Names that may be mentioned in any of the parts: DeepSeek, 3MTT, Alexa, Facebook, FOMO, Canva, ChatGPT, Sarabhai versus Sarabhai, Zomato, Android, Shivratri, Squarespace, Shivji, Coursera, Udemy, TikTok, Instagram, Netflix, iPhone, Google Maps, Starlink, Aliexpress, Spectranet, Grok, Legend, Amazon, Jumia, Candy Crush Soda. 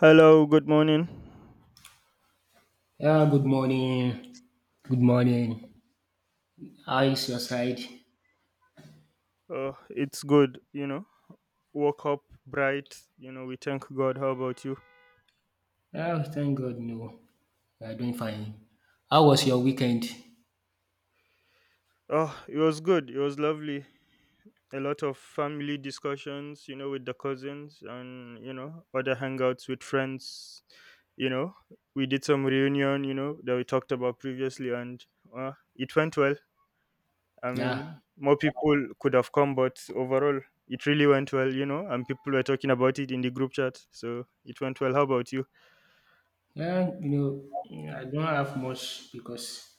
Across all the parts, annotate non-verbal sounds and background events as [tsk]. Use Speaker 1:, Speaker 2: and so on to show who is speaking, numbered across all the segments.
Speaker 1: Hello, good morning.
Speaker 2: Yeah, good morning. Good morning. How is your side?
Speaker 1: It's good, you know. Woke up bright, you know. We thank God. How about you?
Speaker 2: Yeah, thank God, no. We are doing fine. How was your weekend?
Speaker 1: Oh, it was good. It was lovely. A lot of family discussions, you know, with the cousins and, you know, other hangouts with friends. You know, we did some reunion, you know, that we talked about previously, and it went well. I
Speaker 2: Yeah,
Speaker 1: mean, more people could have come, but overall, it really went well, you know, and people were talking about it in the group chat. So it went well. How about you?
Speaker 2: Yeah, you know, I don't have much because,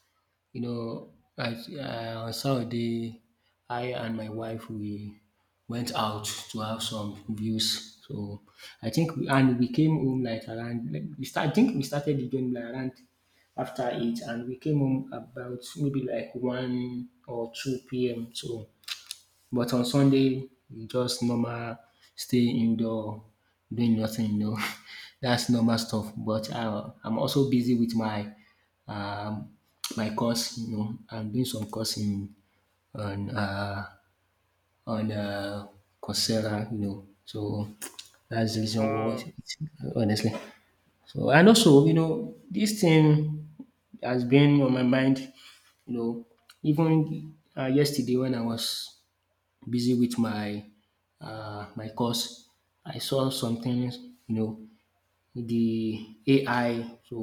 Speaker 2: you know, I, on Saturday, I and my wife we went out to have some views. So I think, we came home like around. Like, We start, I think we started the game like around after 8, and we came home about maybe like 1 or 2 p.m. So but on Sunday, just normal stay indoor, doing nothing. [laughs] That's normal stuff. But I'm also busy with um, my course. I'm doing some course in on uh, on Coursera. So [tsk] that's the reason why,
Speaker 1: Uh,
Speaker 2: honestly. So and also, this thing has been on my mind, you know, even yesterday when I was busy with my course. I saw something. you know, the AI, so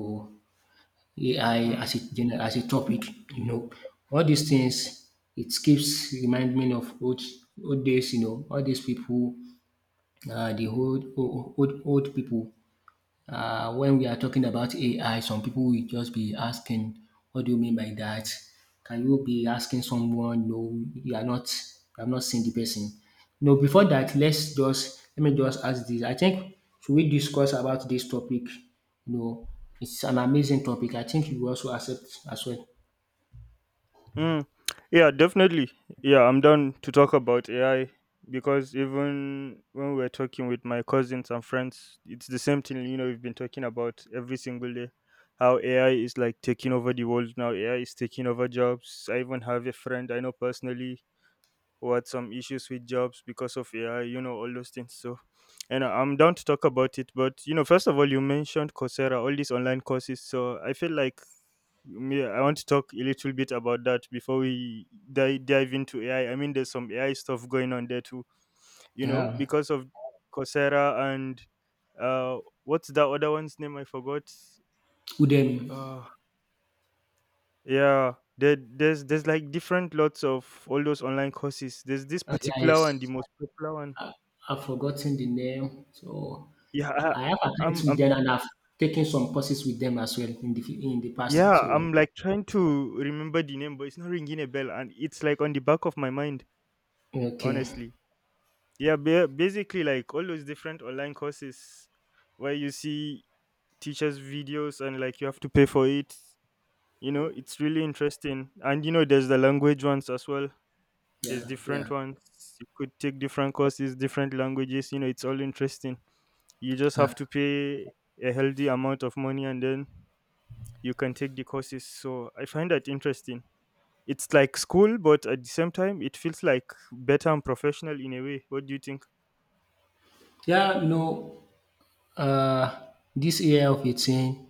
Speaker 2: AI
Speaker 1: mm,
Speaker 2: as a general, as a topic, you know, all these things. It keeps reminding me of old days, all these people, the old people when we are talking about AI, some people will just be asking, "What do you mean by that?" Can you be asking someone, "No, you are not. I have not seen the person." No, before that, let me just ask this. I think, should we discuss about this topic? You know, it's an amazing topic. I think you also accept as well.
Speaker 1: mm. Yeah, definitely. Yeah, I'm down to talk about AI because even when we're talking with my cousins and friends, it's the same thing, you know, we've been talking about every single day. How AI is like taking over the world now, AI is taking over jobs. I even have a friend I know personally who had some issues with jobs because of AI, you know, all those things. So, I'm down to talk about it. But, you know, first of all, you mentioned Coursera, all these online courses. So I feel like me, I want to talk a little bit about that before we dive into AI. I mean, there's some AI stuff going on there too, you know,
Speaker 2: Yeah.
Speaker 1: because of Coursera and what's that other one's name? I forgot.
Speaker 2: Udemy.
Speaker 1: Uh, yeah, there's like different lots of all those online courses. There's this
Speaker 2: Uh, yeah,
Speaker 1: particular one, the
Speaker 2: it's,
Speaker 1: most popular one.
Speaker 2: I've forgotten the name. So
Speaker 1: Yeah, I,
Speaker 2: I have attended
Speaker 1: I'm
Speaker 2: with
Speaker 1: I'm
Speaker 2: them, and I've taken some courses with them as well in the
Speaker 1: yeah,
Speaker 2: past. So
Speaker 1: I'm like trying to remember the name, but it's not ringing a bell, and it's like on the back of my mind,
Speaker 2: okay.
Speaker 1: honestly. Yeah, basically like all those different online courses where you see teachers' videos and like you have to pay for it. You know, it's really interesting, and you know, there's the language ones as well. There's
Speaker 2: Yeah. Yeah.
Speaker 1: different ones. You could take different courses, different languages. You know, it's all interesting. You just have
Speaker 2: Yeah.
Speaker 1: to pay a healthy amount of money and then you can take the courses. So I find that interesting. It's like school, but at the same time, it feels like better and professional in a way. What do you think?
Speaker 2: Yeah. Uh, this AI 15,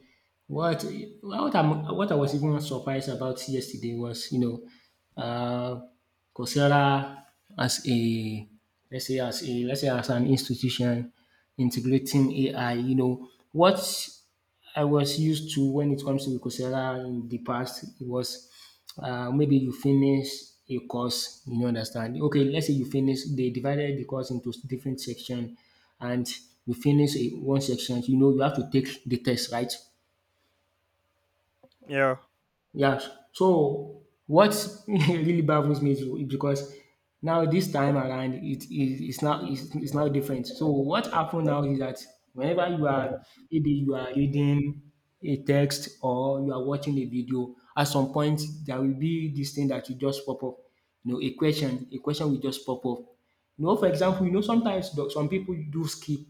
Speaker 2: what what I was even surprised about yesterday was, you know, uh, Coursera as a let's say as a let's say as an institution integrating AI. You know, what I was used to when it comes to Coursera in the past, it was maybe you finish a course, understand. Okay, let's say you finish, they divided the course into different section, and you finish in one section, you have to take the test, right?
Speaker 1: Yeah.
Speaker 2: Yeah. So what [laughs] really baffles me too is because now this time around it is it's now different. So what happened now is that whenever you are reading a text or you are watching a video, at some point there will be this thing that will just pop up. You know, a question will just pop up. You know, for example, sometimes some people do skip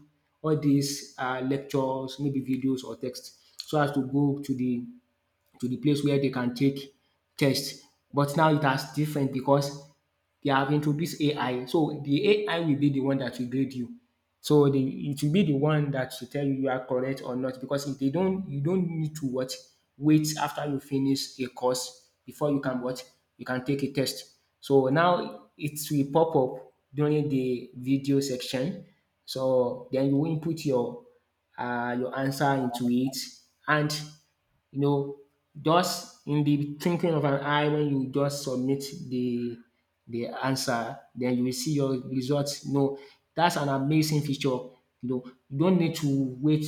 Speaker 2: all these lectures, maybe videos or text, so as to go to the place where they can take test. But now it has different because they have introduced AI. So the AI will be the one that will grade you. So the it will be the one that will tell you you are correct or not, because if they don't, you don't need to what wait after you finish a course before you can what you can take a test. So now it will pop up during the video section. So then you input your answer into it, and, you know, just in the twinkling of an eye, when you just submit the the answer, then you will see your results. You know, that's an amazing feature. Know, you don't need to wait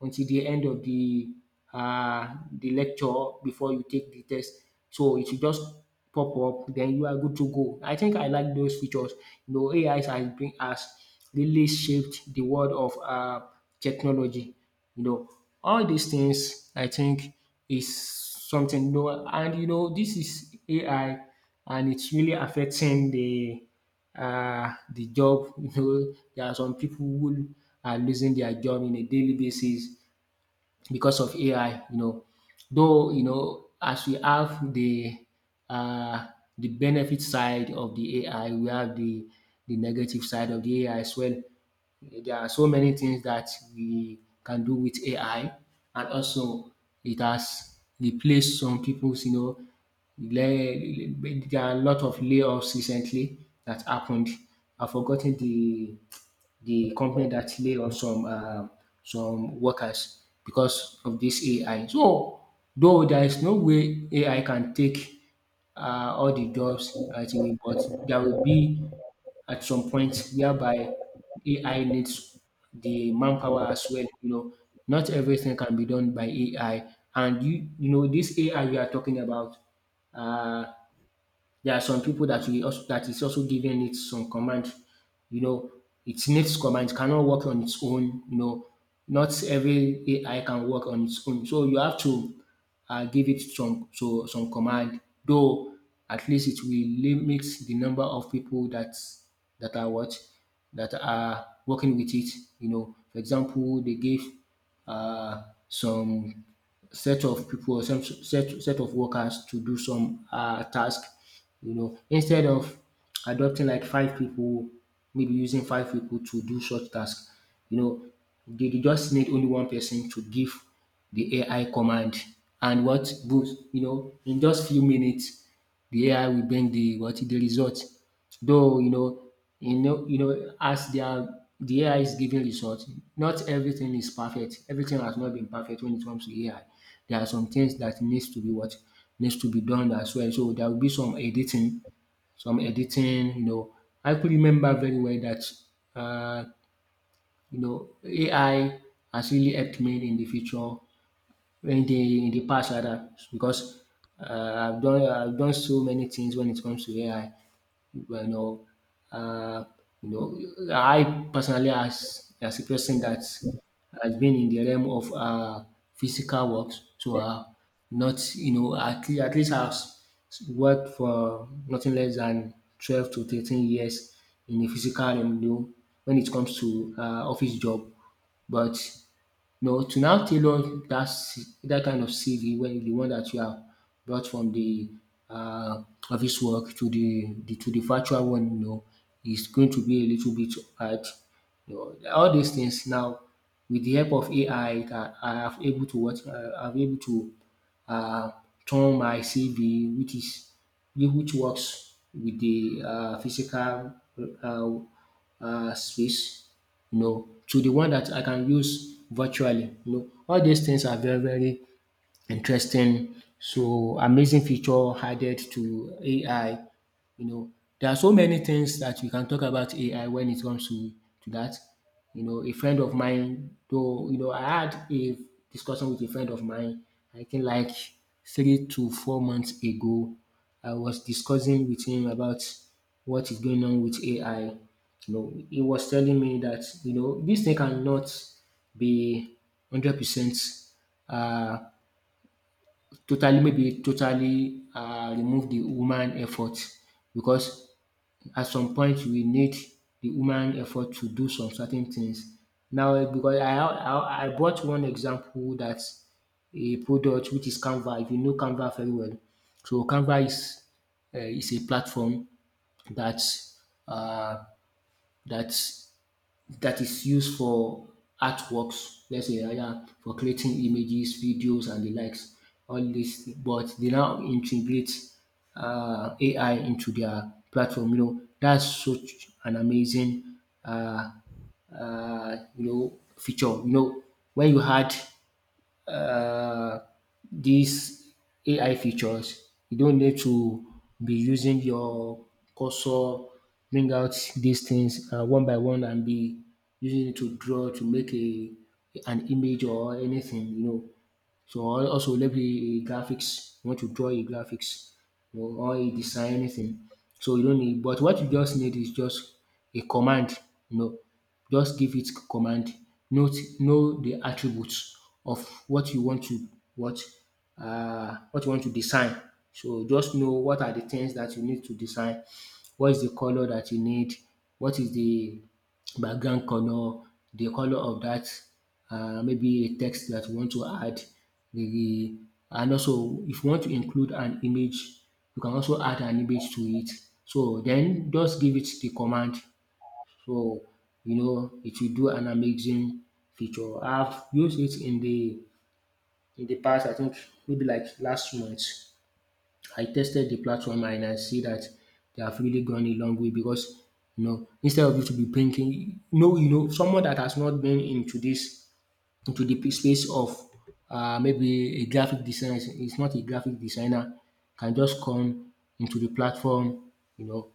Speaker 2: until the end of the lecture before you take the test. So it will just pop up, then you are good to go. I think I like those features. You know, AI has really shaped the world of technology. You know, all these things, I think, is something, and this is AI, and it's really affecting the job. [laughs] There are some people who are losing their job in a daily basis because of AI. Though, as we have uh the benefit side of the AI, we have the negative side of the AI as well. There are so many things that we can do with AI, and also it has replaced some people's, le- there are a lot of layoffs recently that happened. I've forgotten the company that lay off some workers because of this AI. So though there is no way AI can take all the jobs right away, but there will be, at some point, whereby AI needs the manpower as well. You know, not everything can be done by AI, and you know this AI we are talking about. Uh, there are some people that is also giving it some command. You know, it needs command. It cannot work on its own. You know, not every AI can work on its own. So you have to give it some command. Though at least it will limit the number of people that are what that are working with it. You know, for example, they gave some set of people, or set of workers to do some task. Instead of adopting like five people, maybe using five people to do such task, you know they dey just need only one person to give the AI command, and what boost, in just few minutes the AI will bring the result. Though, as they are, the AI is giving results, not everything is perfect. Everything has not been perfect when it comes to AI. There are some things that needs to be done as well. So there will be some editing. You know, I could remember very well that uh, AI has really helped me in the future, in the past rather, because I've done so many things when it comes to AI you know, uh, you know, I personally, as a person that has been in the realm of physical work, so not, you know, at least I've worked for nothing less than 12 to 13 years in the physical realm. When it comes to office job, but no, to now tailor that kind of CV, when the one that you have brought from the office work to the virtual one, is going to be a little bit hard. You all these things now, with the help of AI, I have able to uh, turn my CV, which works with the physical uh, space, to the one that I can use virtually. All these things are very very interesting, so amazing feature added to AI. You know, there are so many things that we can talk about AI when it comes to that. A friend of mine, though, I had a discussion with a friend of mine, I think like 3 to 4 months ago. I was discussing with him about what is going on with AI. He was telling me that, this thing cannot be 100% uh, totally remove the human effort, because at some point we need the human effort to do some certain things. Now because I brought one example that a product which is Canva. If you know Canva very well, so Canva is a platform that um that that is used for artworks, let's say either for creating images, videos and the likes, all these but they now integrate AI into their platform. That's such an amazing um feature, when you had uh, these AI features. You don't need to be using your cursor, bring out these things one by one and be using it to make a an image or anything. So I also let the graphics. You want to draw a graphics or a design, anything. So you don't need, but what you just need is just a command. You know, just give it command. Note, know the attributes of what what you want to design. So just know what are the things that you need to design. What is the color that you need? What is the background color? The color of that maybe a text that you want to add. The, the- and also, if you want to include an image, you can also add an image to it. So then just give it the command. So, it will do an amazing feature. I've used it in the past, I think maybe like last month. I tested the platform and I see that they have really gone a long way because instead of you to be thinking, no, someone that has not been into this into the p- space of maybe a graphic designer, it's not a graphic designer, can just come into the platform, you know,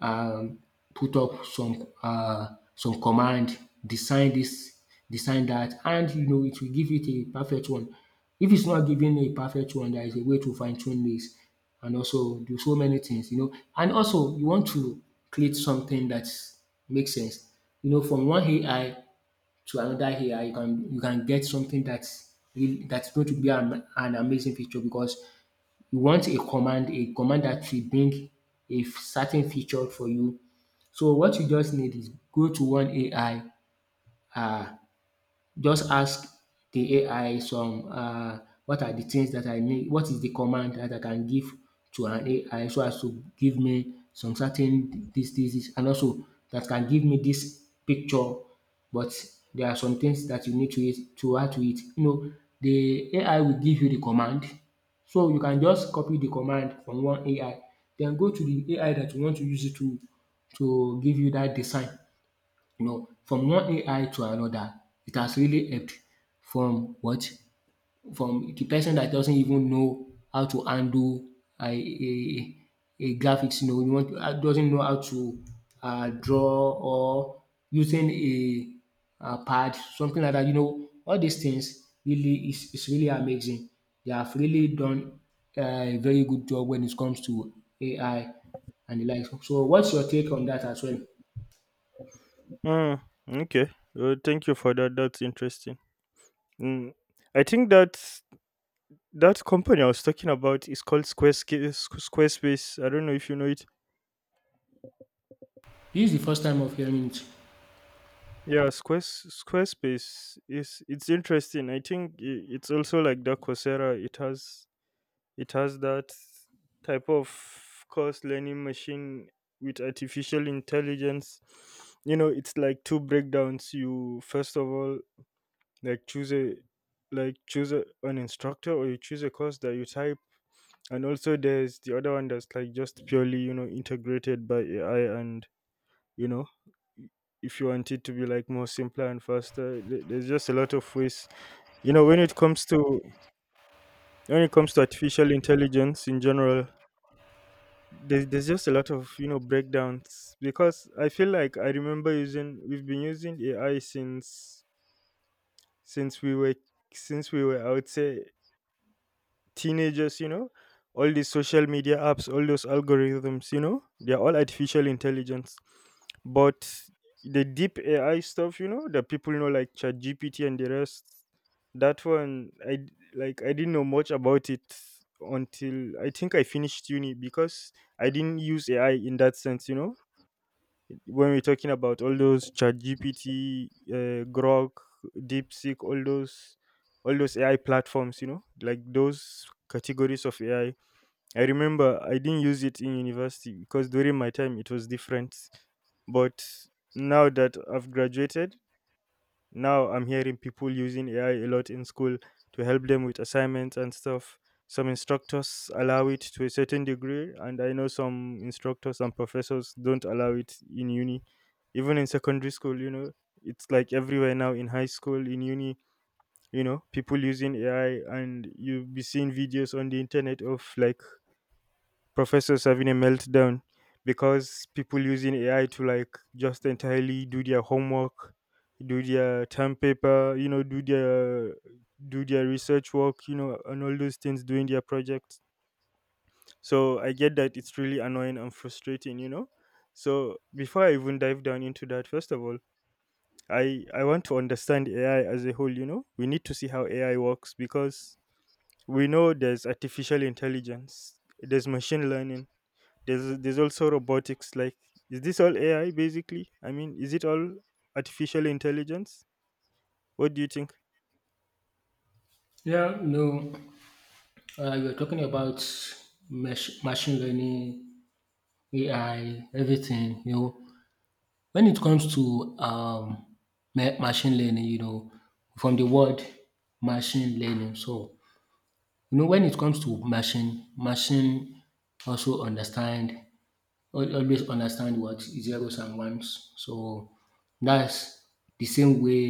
Speaker 2: um, put up some command, design this, design that, and it will give it a perfect one. If it's not giving a perfect one, there is a way to fine tune this and also do so many things, And also, you want to create something that makes sense, from one AI to another area, you can get something that's really that's going to be an amazing feature because you want a command that will bring a certain feature for you. So what you just need is go to one AI. uh just ask the AI some what are the things that I need, what is the command that I can give to an AI so as to give me some certain dis and also that can give me this picture, but there are some things that you need to it to add to it. You know, the AI will give you the command, so you can just copy the command from one AI, then go to the AI that you want to use it to give you that design. You know, from one AI to another, it has really helped. From what? From the person that doesn't even know how to handle a, a, a graphics, you know, you want, doesn't know how to draw or using a pad, something like that. You know, all these things really is really amazing. They have really done a very good job when it comes to AI and the like. So, what's your take on that as well?
Speaker 1: Mm, okay. Well, thank you for that. That's interesting. Mm, I think that company I was talking about is called Squarespace. Squarespace. I don't know if you know it.
Speaker 2: This is the first time of hearing it.
Speaker 1: Squarespace is it's interesting. I think it's also like the Coursera. It has that type of course learning machine with artificial intelligence. You know, it's like two breakdowns. You first of all like choose a like choose a, an instructor or you choose a course that you type, and also there's the other one that's like just purely, you know, integrated by AI. And you know, if you want it to be like more simpler and faster, there's just a lot of ways, you know, when it comes to artificial intelligence in general. There's just a lot of, you know, breakdowns because I feel like I remember using we've been using ai since since we were since we were, I would say, teenagers, you know, all these social media apps, all those algorithms, you know, they're all artificial intelligence. But the deep AI stuff, you know, that people know like ChatGPT and the rest, that one I like I didn't know much about it until I think I finished uni because I didn't use AI in that sense, you know, when we're talking about all those chat gpt grok, deepseek, all those, all those AI platforms, you know, like those categories of AI. I remember I didn't use it in university because during my time it was different. But now that I've graduated, now I'm hearing people using AI a lot in school to help them with assignments and stuff. Some instructors allow it to a certain degree, and I know some instructors and professors don't allow it in uni. Even in secondary school, you know, it's like everywhere now, in high school, in uni, you know, people using AI, and you'll be seeing videos on the internet of like professors having a meltdown because people using AI to like just entirely do their homework, do their term paper, you know, do their research work, you know, and all those things, doing their projects. So I get that it's really annoying and frustrating, you know. So before I even dive down into that, first of all, I want to understand AI as a whole, you know. We need to see how AI works because we know there's artificial intelligence, there's machine learning, there's also robotics. Like, is this all AI basically? I mean, is it all artificial intelligence? What do you think?
Speaker 2: Yeah, no, you're talking about machine learning, AI, everything. You know, when it comes to machine learning, you know, from the word machine learning. So, you know, when it comes to machine, also understand, always understand what zeros and ones. So that's the same way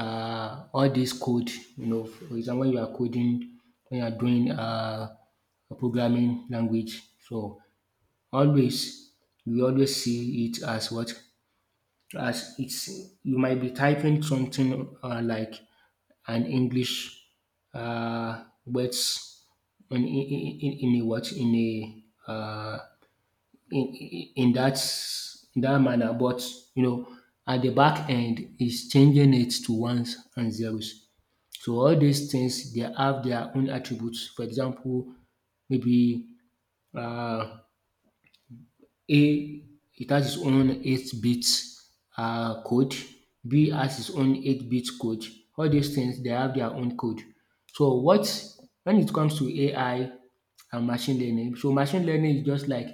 Speaker 2: all this code, you know, for example, when you are coding, when you are doing a programming language. So always, you always see it as what, as it's, you might be typing something like an English words, in a what in a uh, in, in that manner, but you know at the back end is changing it to ones and zeros. So all these things they have their own attributes. For example, maybe um a, it has its own 8-bit code, B has its own 8-bit code. All these things they have their own code. So what when it comes to AI and machine learning, so machine learning is just like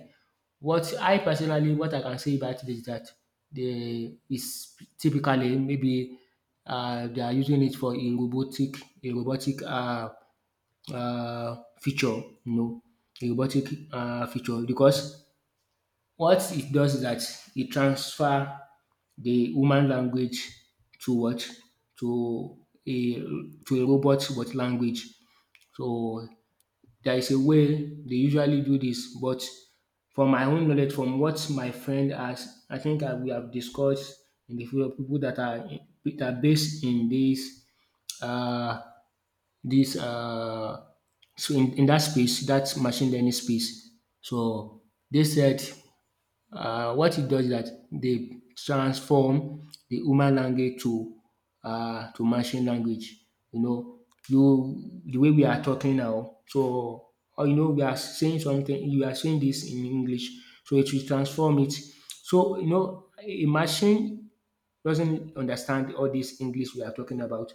Speaker 2: what, I personally what I can say about it is that they is typically maybe they are using it for a robotic, a robotic feature, you know, a robotic feature, because what it does is that it transfer the human language to what? To a robot but language. So there is a way they usually do this, but from my own knowledge, from what my friend has, I think I, we have discussed in the field of people that are based in this uh this uh, so in that space, that machine learning space. So they said what it does is that they transform the human language to machine language. You know, you the way we are talking now, so or you know we are saying something, you are saying this in English, so it will transform it. So you know a machine doesn't understand all this English we are talking about.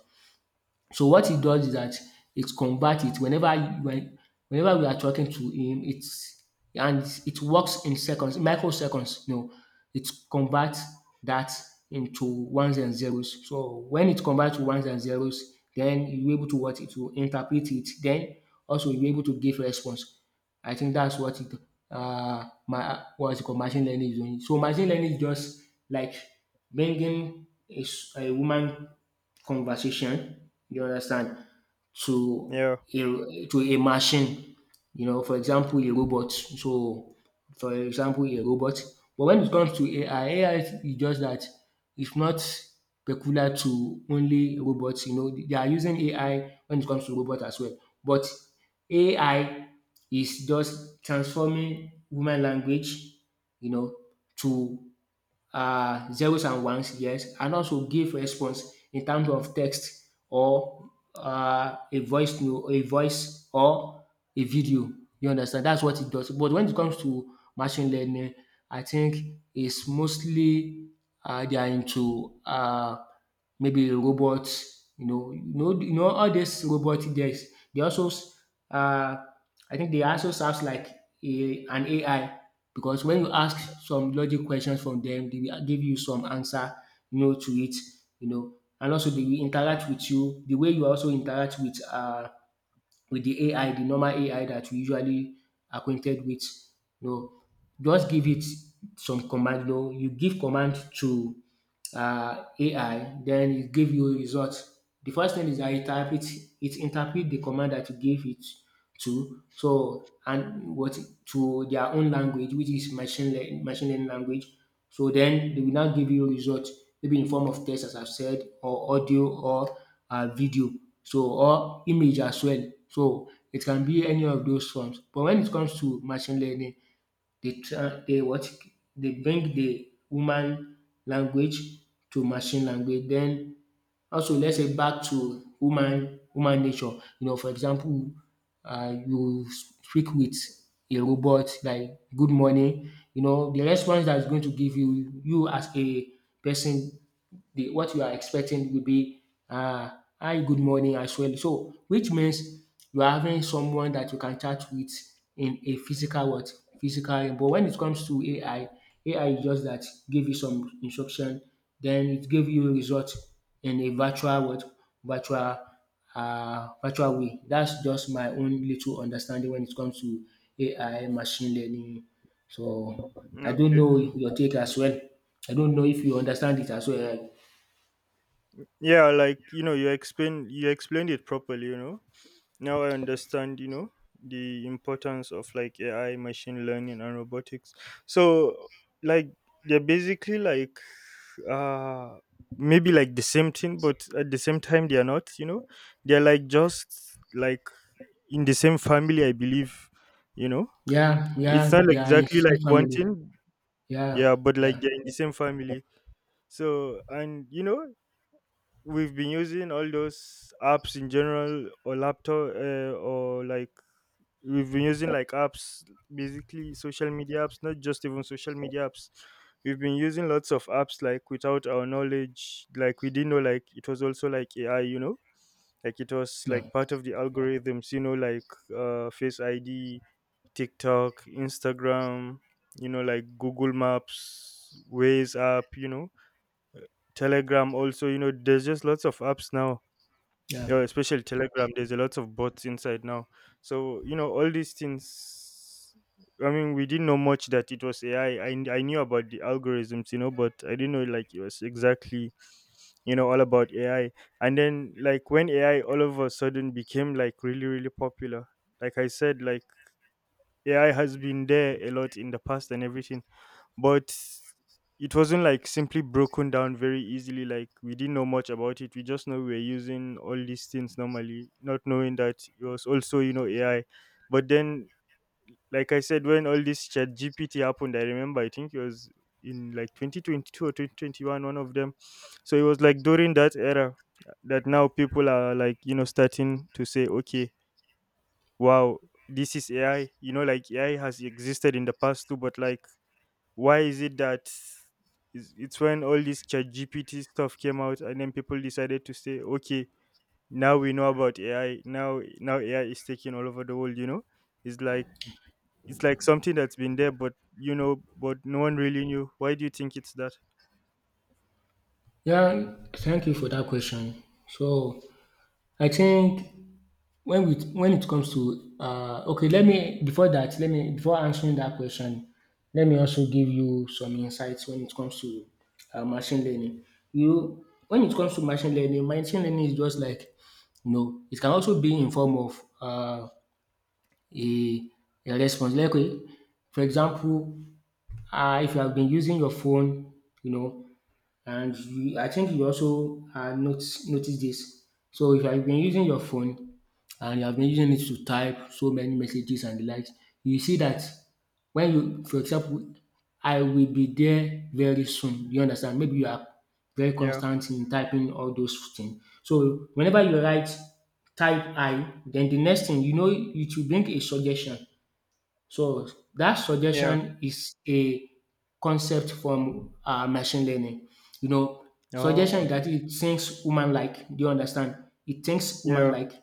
Speaker 2: So what it does is that it converts. It whenever when Whenever we are talking to him, it's, and it works in seconds, microseconds, you know. It converts that into ones and zeros. So when it converts to ones and zeros, then you're able to what, it will interpret it. Then also you're able to give response. I think that's what it, my what's it called, machine learning is doing. So machine learning is just like bringing a woman conversation, you understand, to
Speaker 1: Yeah.
Speaker 2: a machine, you know, for example, a robot. So, for example, a robot. But when it comes to AI, AI is just that it's not peculiar to only robots. You know, they are using AI when it comes to robots as well. But AI is just transforming woman language, you know, to zeros and ones, yes, and also give response in terms of text or a voice to a voice or a video. You understand? That's what it does. But when it comes to machine learning, I think it's mostly they are into maybe robots, you know, you know all these robot guys, they also uh I think they also serves like a an AI, because when you ask some logic questions from them, they will give you some answer, you know, to it, you know. And also they will interact with you the way you also interact with the AI, the normal AI that we usually acquainted with, you know. Just give it some command, you know, you give command to AI, then it give you a result. The first thing is that it interpret the command that you gave it to. So and what, to their own language, which is machine learning language. So then they will now give you a result, maybe in form of text, as I've said, or audio or video, so or image as well. So it can be any of those forms. But when it comes to machine learning, they try they what? They bring the human language to machine language. Then also let's say back to human human nature. You know, for example, you speak with a robot like “good morning”, you know, the response that is going to give you, you as a person, the what you are expecting will be um “Hi, good morning” as well. So which means you are having someone that you can chat with in a physical what? Physical. But when it comes to AI, AI is just that give you some instruction, then it give you result in a virtual what? Virtual virtual way. That's just my own little understanding when it comes to AI, machine learning. So I don't
Speaker 1: Okay.
Speaker 2: know your take as well. I don't know if you understand it as well.
Speaker 1: Yeah, like you know, you explained it properly. You know, now I understand. You know, the importance of like AI, machine learning, and robotics. So, like, they're basically like uh maybe like the same thing, but at the same time they are not. You know, they're like just like in the same family, I believe. You know,
Speaker 2: Yeah,
Speaker 1: it's not
Speaker 2: yeah, yeah. I
Speaker 1: exactly
Speaker 2: see
Speaker 1: like
Speaker 2: family.
Speaker 1: wanting,
Speaker 2: Yeah,
Speaker 1: yeah, but like
Speaker 2: yeah,
Speaker 1: they're in the same family. So and you know we've been using all those apps in general or laptop, or like we've been using like apps basically social media apps, not just even social media apps we've been using lots of apps like without our knowledge, like we didn't know like it was also like AI, you know, like it was
Speaker 2: yeah,
Speaker 1: like part of the algorithms, you know, like face ID, TikTok, Instagram, you know, like Google Maps, Waze app, you know, Telegram also, you know, there's just lots of apps now.
Speaker 2: yeah.
Speaker 1: Yeah, especially Telegram, there's a lot of bots inside now. So, you know, all these things, I mean, we didn't know much that it was AI. I knew about the algorithms, you know, but I didn't know like it was exactly, you know, all about AI. And then like when AI all of a sudden became like really, really popular, like I said, like AI has been there a lot in the past and everything, but it wasn't like simply broken down very easily. Like we didn't know much about it. We just know we were using all these things normally, not knowing that it was also, you know, AI. But then, like I said, when all this chat GPT happened, I remember, I think it was in like 2022 or 2021, one of them. So it was like during that era that now people are like, you know, starting to say, okay, wow, this is AI, you know, like AI has existed in the past too, but like why is it that it's when all this chat GPT stuff came out and then people decided to say, okay, now we know about AI, now, now AI is taking all over the world, you know. It's like it's like something that's been there, but you know, but no one really knew. Why do you think it's that?
Speaker 2: Yeah, thank you for that question. So I think when we when it comes to okay, let me before that, let me before answering that question, let me also give you some insights when it comes to machine learning. You when it comes to machine learning is just like you know, it can also be in form of a, a response. Like for example, if you have been using your phone, you know, and you, I think you also notice this. So if you have been using your phone and you have been using it to type so many messages and the likes, you see that when you, for example, I will be there very soon. You understand? Maybe you are very
Speaker 1: yeah
Speaker 2: constant in typing all those things. So whenever you write type I, then the next thing you know it will bring a suggestion. So that
Speaker 1: yeah
Speaker 2: suggestion is a concept from machine learning. You know, suggestion
Speaker 1: oh
Speaker 2: is that it thinks human-like. Do you understand? It thinks
Speaker 1: yeah
Speaker 2: human-like. Do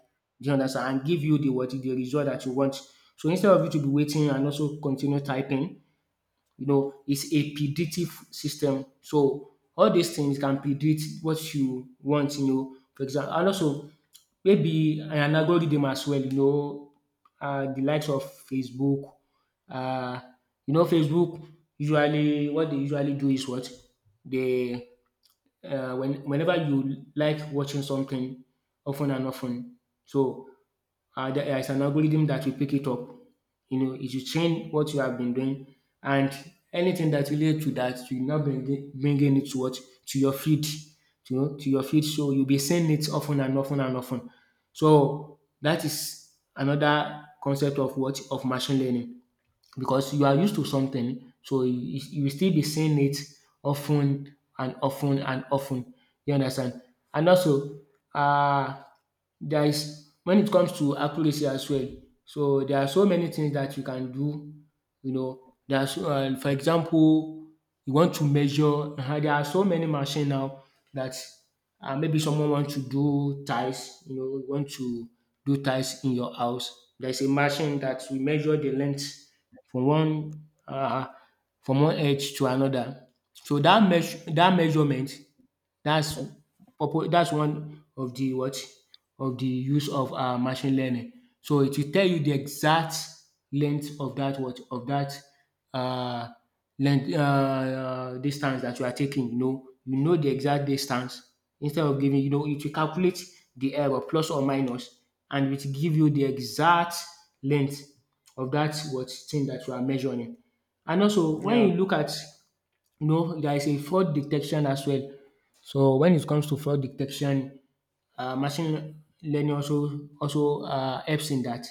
Speaker 2: you understand? And give you the what the result that you want. So instead of you to be waiting and also continue typing, you know, it's a predictive system. So all these things can predict what you want, you know. For example, and also maybe an algorithm as well, you know, the likes of Facebook. Uh, you know, Facebook usually what they usually do is what they, when, whenever you like watching something often and often, so there is an algorithm that will pick it up. You know, it will change what you have been doing, and anything that relates to that, you now bringing it to what to your feed, to your feed. So you'll be seeing it often and often and often. So that is another concept of machine learning because you are used to something, so you will still be seeing it often and often and often. You understand? And also, uh, there is when it comes to accuracy as well. So there are so many things that you can do. You know, there are for example, you want to measure. [laughs] There are so many machines now that maybe someone wants to do ties. You know, you want to do ties in your house. There's a machine that will measure the length from one um from one edge to another. So dat measurement dats purpose dats one of the what of the use of machine learning. So it will tell you the exact length of dat what of dat um length distance that you are taking, you know. You know the exact distance instead of giving, you know, it will calculate the error plus or minus and it will give you the exact length of that what thing that you are measuring. And also when
Speaker 1: yeah
Speaker 2: you look at, you know, there is a fraud detection as well. So when it comes to fraud detection, machine learning also helps in that.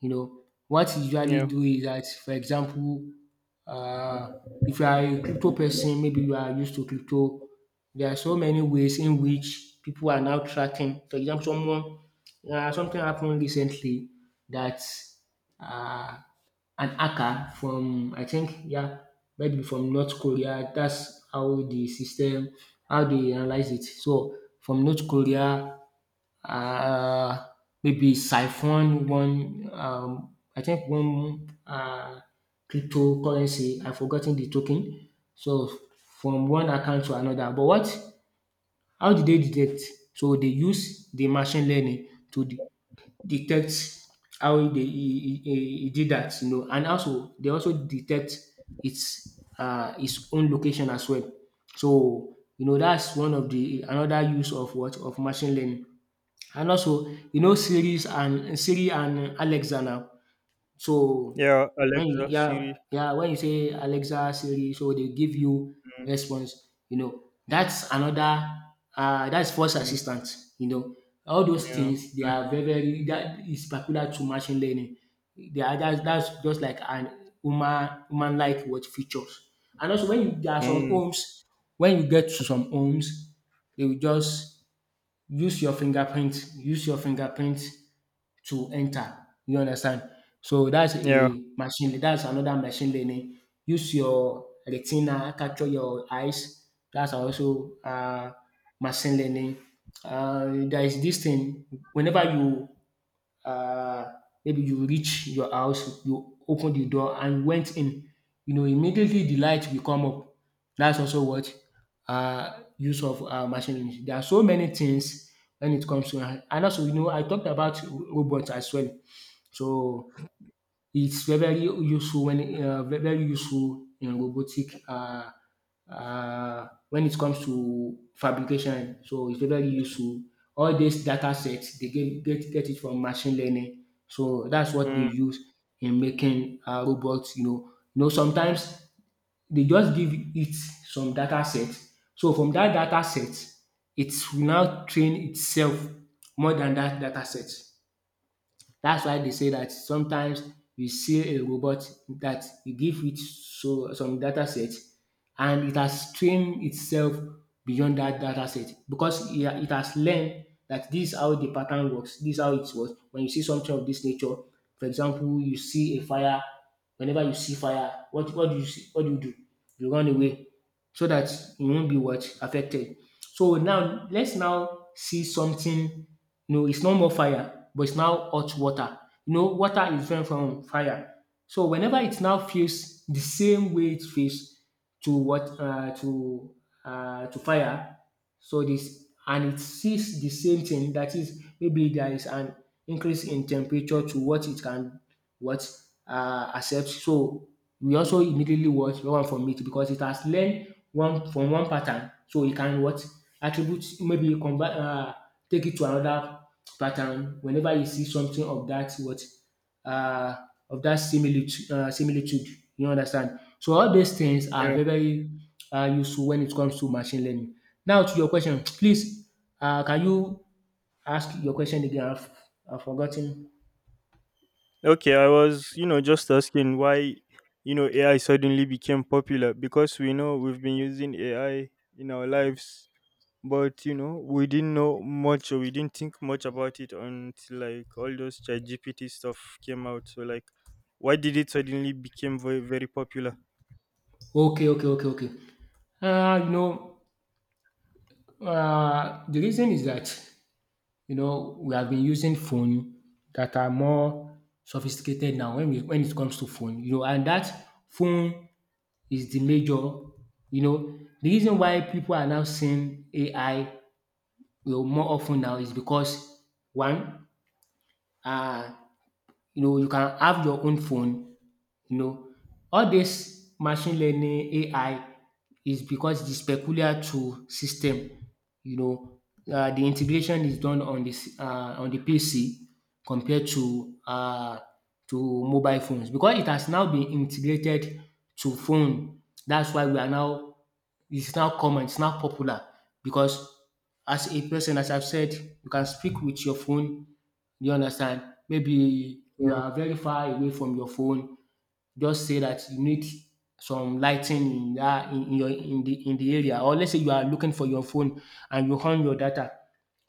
Speaker 2: You know, what you usually
Speaker 1: yeah
Speaker 2: do is that, for example, uh, if you are a crypto person, maybe you are used to crypto, there are so many ways in which people are now tracking. For example, someone, something happened recently that, uh, an hacker from, I think, yeah, maybe from North Korea. That's how the system, how they analyze it. So from North Korea, uh, maybe siphon one, I think one, cryptocurrency. I've forgotten the token. So from one account to another. But what? How did they detect? So they use the machine learning to detect how he did that, you know, and also they also detect its own location as well. So you know that's one of the another use of machine learning. And also, you know, Siri and Alexa now. So
Speaker 1: yeah
Speaker 2: when
Speaker 1: Alexa,
Speaker 2: you yeah,
Speaker 1: Siri.
Speaker 2: yeah, when you say Alexa, Siri, so they give you
Speaker 1: mm,
Speaker 2: response, you know. That's another that's voice
Speaker 1: mm,
Speaker 2: assistant, you know. All those
Speaker 1: yeah.
Speaker 2: things they are
Speaker 1: mm,
Speaker 2: very, very, that is particular to machine learning. They are that's just like an human like what features. And also when you there are some
Speaker 1: mm,
Speaker 2: homes, when you get to some homes, they will just use your fingerprint to enter, you understand, so that's
Speaker 1: yeah.
Speaker 2: a machine that's another machine learning. Use your retina, capture your eyes, that's also machine learning. There is this thing whenever you, uh, maybe you reach your house, you open the door and went in, you know, immediately the light will come up. That's also what, use of machine learning. There are so many things when it comes to, and also, you know, I talked about robots as well. So it's very, very useful when very, very useful in robotic, when it comes to fabrication. So it's very, very useful. All these data sets they get it from machine learning. So that's what they
Speaker 1: Mm.
Speaker 2: use in making, robots. You know sometimes they just give it some data set. So from that data set, it will now train itself more than that data set. That's why they say that sometimes you see a robot that you give it so some data set and it has trained itself beyond that data set because it has learned that this is how the pattern works, this is how it works. When you see something of this nature, for example, you see a fire, whenever you see fire, what do you see? What do you do? You run away so that you won't be what affected. So now let's now see something. No, it's no more fire, but it's now hot water. You know, water is different from fire. So whenever it now feels the same way it feels to what, to fire, so this and it sees the same thing. That is, maybe there is an increase in temperature to what it can what, accepts. So we also immediately what learn one from it because it has learned one from one pattern so it can what attribute, maybe combine, take it to another pattern whenever you see something of that what, uh of that similitude, you understand. So all these things are
Speaker 1: Yeah.
Speaker 2: very, very useful when it comes to machine learning. Now to your question, please, uh, can you ask your question again? I've forgotten.
Speaker 1: Okay, I was, you know, just asking why, you know, AI suddenly became popular because we know we've been using AI in our lives, but you know, we didn't know much or we didn't think much about it until like all those chat GPT stuff came out. So like why did it suddenly become very very popular?
Speaker 2: Okay, okay, okay, okay. Uh, you know, the reason is that, you know, we have been using phone that are more sophisticated now when it comes to phone, you know, and that phone is the major, you know, the reason why people are now seeing AI, you know, more often now is because one, uh, you know, you can have your own phone. You know, all this machine learning, AI is because it is peculiar to system. You know, the integration is done on this on the PC compared to to mobile phones because it has now been integrated to phone. That's why we are now, it's now common, it's now popular because as a person, as I've said, you can speak with your phone. You understand? Maybe you
Speaker 1: Yeah.
Speaker 2: are very far away from your phone, just say that you need some lighting ten ing in dat in your in the area, or let's say you are looking for your phone and you on your data.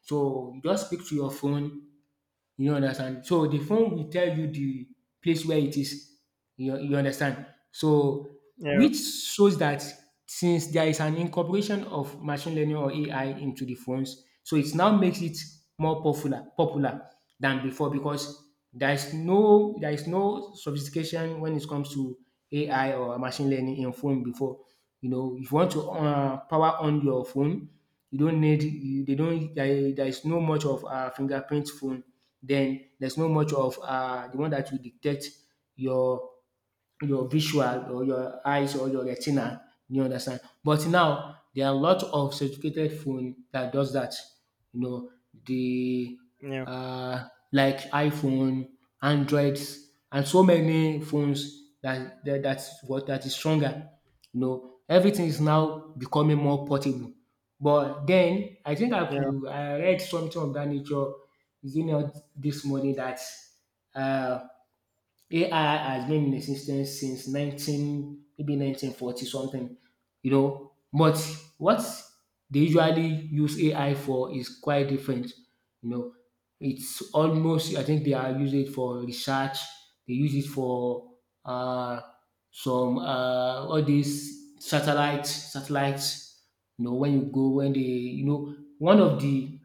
Speaker 2: So just speak to your phone, you understand? So the phone will tell you the place where it is. You understand? So
Speaker 1: Yeah.
Speaker 2: which shows that since there is an incorporation of machine learning or AI into the phones, so it now makes it more popular than before because there is no, there is no sophistication when it comes to AI or machine learning in phone before. You know, if you want to, power on your you don't need you, they don't there, there is no much of a fingerprint phone, then there's no much of, the one that will dictate your your visual or your eyes or your retina. You understand? But now there are a lot of sophisticated phone that does that. You know, the
Speaker 1: Yeah.
Speaker 2: uh, like iPhone, Androids, and so many phones that that's what that is stronger. You know, everything is now becoming more portable. But then I think
Speaker 1: Yeah.
Speaker 2: I read something of that nature. Is it not this morning that, uh, AI has been in existence since 19, maybe 1940 something, you know. But what they usually use AI for is quite different, you know. It's almost, I think they are using it for research, they use it for, uh, all these satellites, you know, when they, you know, one of the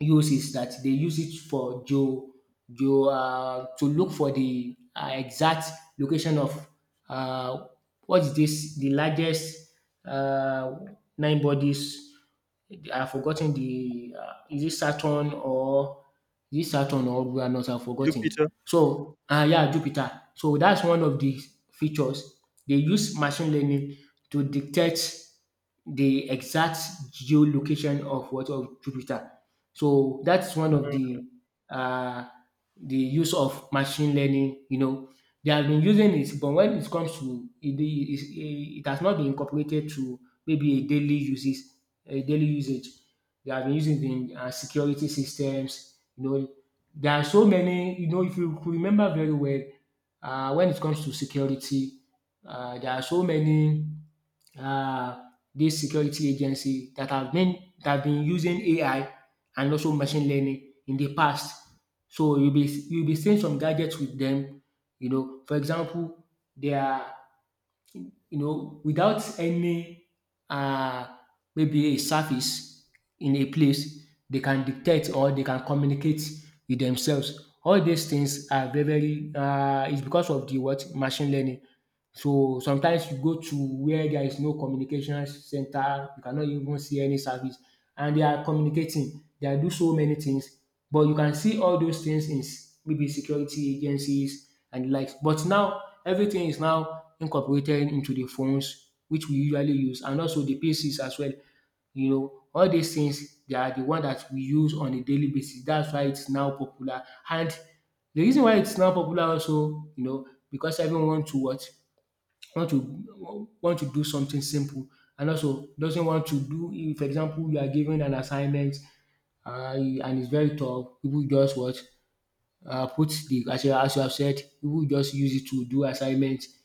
Speaker 2: uses that they use it for geo you to look for the exact location of, uh, what is this? The largest, uh, nine bodies, I've forgotten the, is it Saturn or Uranus? I've forgotten.
Speaker 1: Jupiter.
Speaker 2: So, yeah, Jupiter. So that's one of the features. They use machine learning to detect the exact geolocation of what of Jupiter. So that's one of the, uh, the use of machine learning. You know, they have been using it, but when it comes to it has not been incorporated to maybe a daily uses, daily usage. They have been using it in, security systems. You know, there are so many. You know, if you could remember very well, when it comes to security, there are so many, uh, these security agency that have been using AI and also machine learning in the past. So you'll be seeing some gadgets with them. You know, for example, they are, you know, without any, uh, maybe a service in a place, they can dictate or they can communicate with themselves. All these things are very, very, it's because of the what machine learning. So sometimes you go to where there is no communication center, you cannot even see any service, and they are communicating. They do so many things but you can see all those things in maybe security agencies and the likes. But now everything is now incorporated into the phones which we usually use and also the PCs as well. You know, all these things they are the one that we use on a daily basis. That's why it's now popular. And the reason why it's now popular also, you know, because everyone want to what want to do something simple and also doesn't want to do. If, for example, you are given an assignment and it's very tough. People just what put the as you have said, people just use it to do assignments,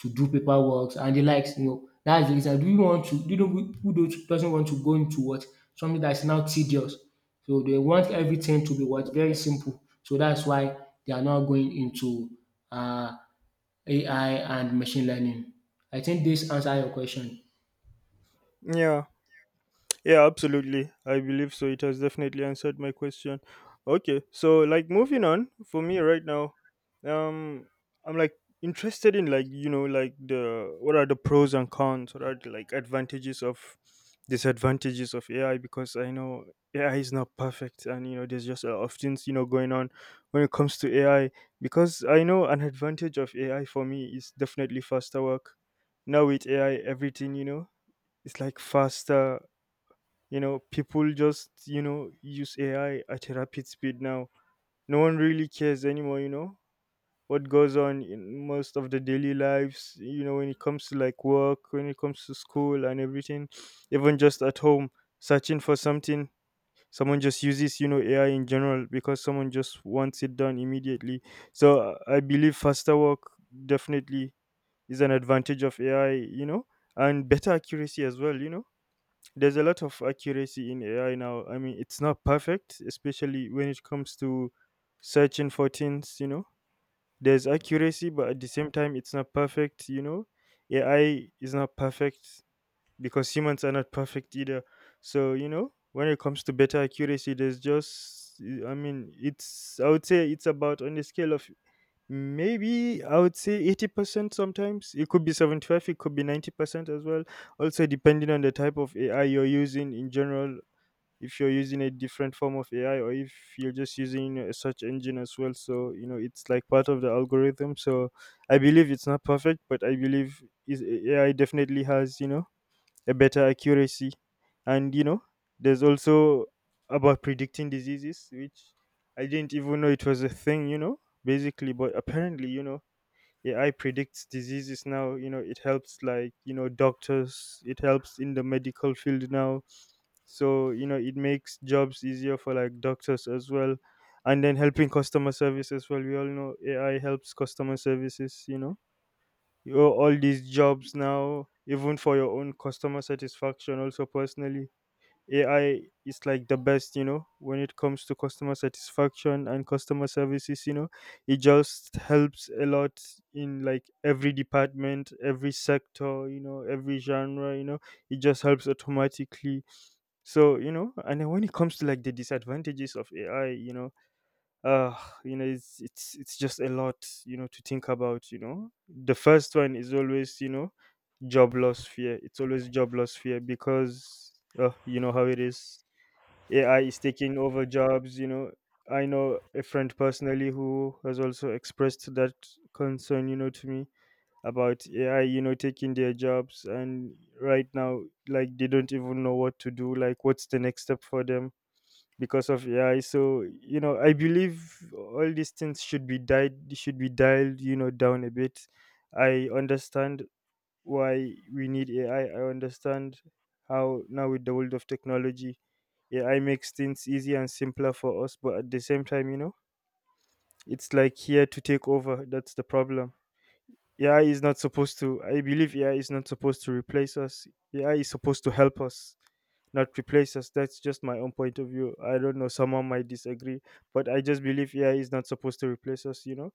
Speaker 2: to do paperwork and the likes. You know, that's the reason. Do you want to? Do you know people don't, doesn't want to go into what something that's now tedious? So they want everything to be what very simple. So that's why they are now going into uh, AI and machine learning. I think this answer your question.
Speaker 1: Yeah. Yeah, absolutely. I believe so. It has definitely answered my question. Okay, so like moving on for me right now, um, I'm like interested in like you know like the what are the pros and cons? What are the like advantages of disadvantages of AI? Because I know AI is not perfect, and you know there's just a lot of things, you know, going on when it comes to AI. Because I know an advantage of AI for me is definitely faster work. Now with AI, everything you know it's like faster, you know, people just, you know, use AI at a rapid speed now. No one really cares anymore, you know, what goes on in most of the daily lives, you know, when it comes to like work, when it comes to school and everything, even just at home, searching for something. Someone just uses, you know, AI in general because someone just wants it done immediately. So I believe faster work definitely is an advantage of AI, you know, and better accuracy as well, you know there's a lot of accuracy in AI now. I mean, it's not perfect, especially when it comes to searching for things, you know. There's accuracy, but at the same time, it's not perfect. AI is not perfect because humans are not perfect either. So, when it comes to better accuracy, I mean, I would say it's about on the scale of maybe I would say 80% sometimes. It could be 75, it could be 90% as well. Also, depending on the type of AI you're using in general, if you're using a different form of AI or if you're just using a search engine as well. So, it's like part of the algorithm. So, I believe it's not perfect, but I believe is AI definitely has, a better accuracy. And there's also about predicting diseases, which I didn't even know it was a thing, basically. But apparently, AI predicts diseases now. It helps like, doctors, it helps in the medical field now. So, it makes jobs easier for like doctors as well. And then helping customer service as well. We all know AI helps customer services. Yo, all these jobs now, even for your own customer satisfaction, also personally. AI is like the best, when it comes to customer satisfaction and customer services. It just helps a lot in like every department, every sector, every genre. It just helps automatically. So, and then when it comes to like the disadvantages of AI, uh it's just a lot to think about. The first one is always, job loss fear. It's always job loss fear because you know how it is. AI is taking over jobs. I know a friend personally who has also expressed that concern, to me about AI, taking their jobs. And right now, like they don't even know what to do, like what's the next step for them because of AI. So I believe all these things should be dialed down a bit. I understand why we need AI. I understand how now with the world of technology, AI makes things easier and simpler for us. But at the same time, it's like here to take over. That's the problem. AI is not supposed to. I believe AI is not supposed to replace us. AI is supposed to help us, not replace us. That's just my own point of view. I don't know, someone might disagree, but I just believe AI is not supposed to replace us, you know?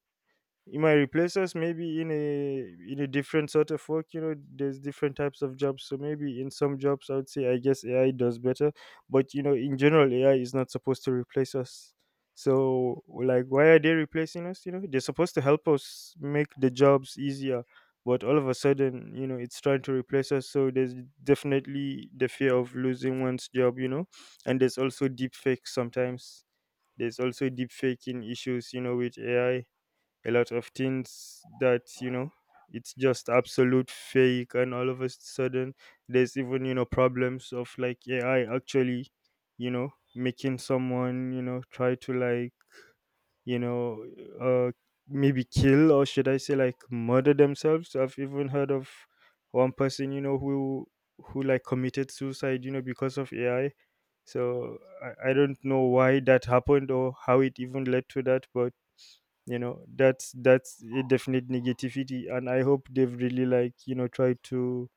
Speaker 1: It might replace us, maybe in a different sort of work. There's different types of jobs, so maybe in some jobs I would say, I guess AI does better. But in general, AI is not supposed to replace us. So like, why are they replacing us? They're supposed to help us make the jobs easier. But all of a sudden, it's trying to replace us. So there's definitely the fear of losing one's job. And there's also deep fake sometimes. There's also deep faking issues, with AI. A lot of things that, it's just absolute fake. And all of a sudden, there's even, problems of like AI actually, making someone, try to like, you know uh maybe kill, or should I say like murder themselves. I've even heard of one person, who like committed suicide, because of AI. So I don't know why that happened or how it even led to that, but that's a definite negativity. And I hope they've really like, tried to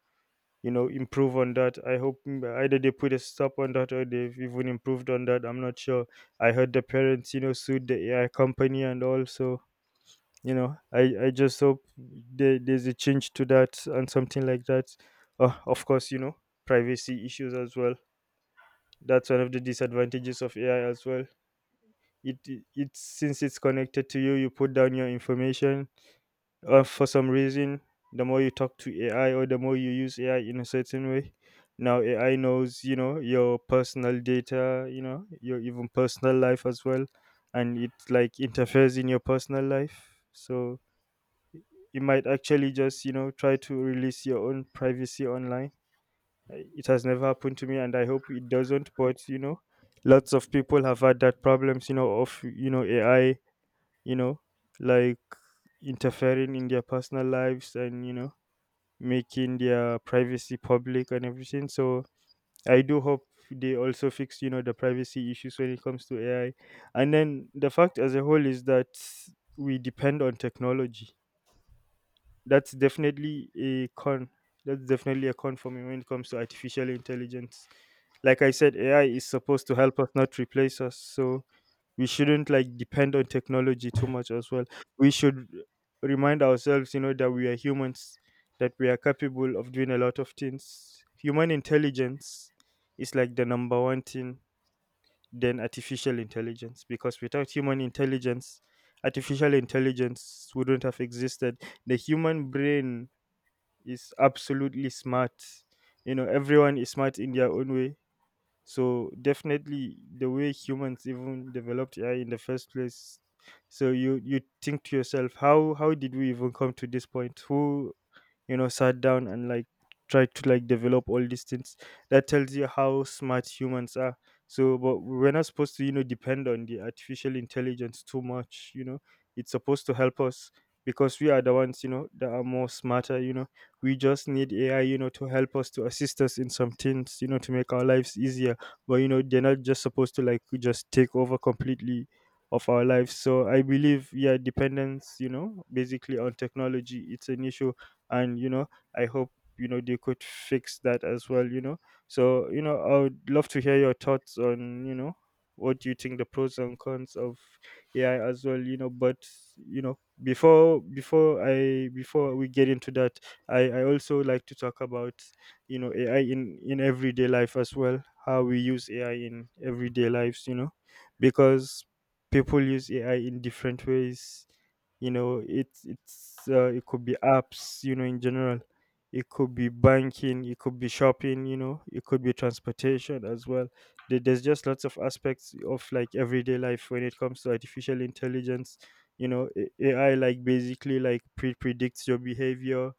Speaker 1: improve on that. I hope either they put a stop on that, or they've even improved on that. I'm not sure. I heard the parents, sued the AI company. And also I just hope there's a change to that, and something like that. Of course, privacy issues as well. That's one of the disadvantages of AI as well. It's since it's connected to you, you put down your information, for some reason. The more you talk to AI, or the more you use AI in a certain way, now AI knows your personal data, your even personal life as well. And it like interferes in your personal life, so it might actually just try to release your own privacy online. It has never happened to me, and I hope it doesn't, but lots of people have had that problems, of AI, you know like interfering in their personal lives, and making their privacy public and everything. So I do hope they also fix, the privacy issues when it comes to AI. And then the fact as a whole is that we depend on technology. That's definitely a con. That's definitely a con for me when it comes to artificial intelligence. Like I said, AI is supposed to help us, not replace us. So we shouldn't like depend on technology too much as well. We should remind ourselves, that we are humans, that we are capable of doing a lot of things. Human intelligence is like the number one thing than artificial intelligence, because without human intelligence, artificial intelligence wouldn't have existed. The human brain is absolutely smart. Everyone is smart in their own way. So definitely the way humans even developed AI in the first place. So you think to yourself, how did we even come to this point? Who, sat down and like tried to like develop all these things? That tells you how smart humans are. So, but we're not supposed to, depend on the artificial intelligence too much. It's supposed to help us, because we are the ones, that are more smarter, we just need AI, to help us, to assist us in some things, to make our lives easier, but they're not just supposed to like just take over completely of our lives. So I believe, yeah, dependence, basically on technology, it's an issue. And I hope they could fix that as well. So I would love to hear your thoughts on, what do you think the pros and cons of AI as well. But before we get into that, I also like to talk about AI in everyday life as well, how we use AI in everyday lives, because people use AI in different ways, it's it could be apps, in general. It could be banking, it could be shopping, it could be transportation as well. There's just lots of aspects of like everyday life when it comes to artificial intelligence, AI like basically like predicts your behavior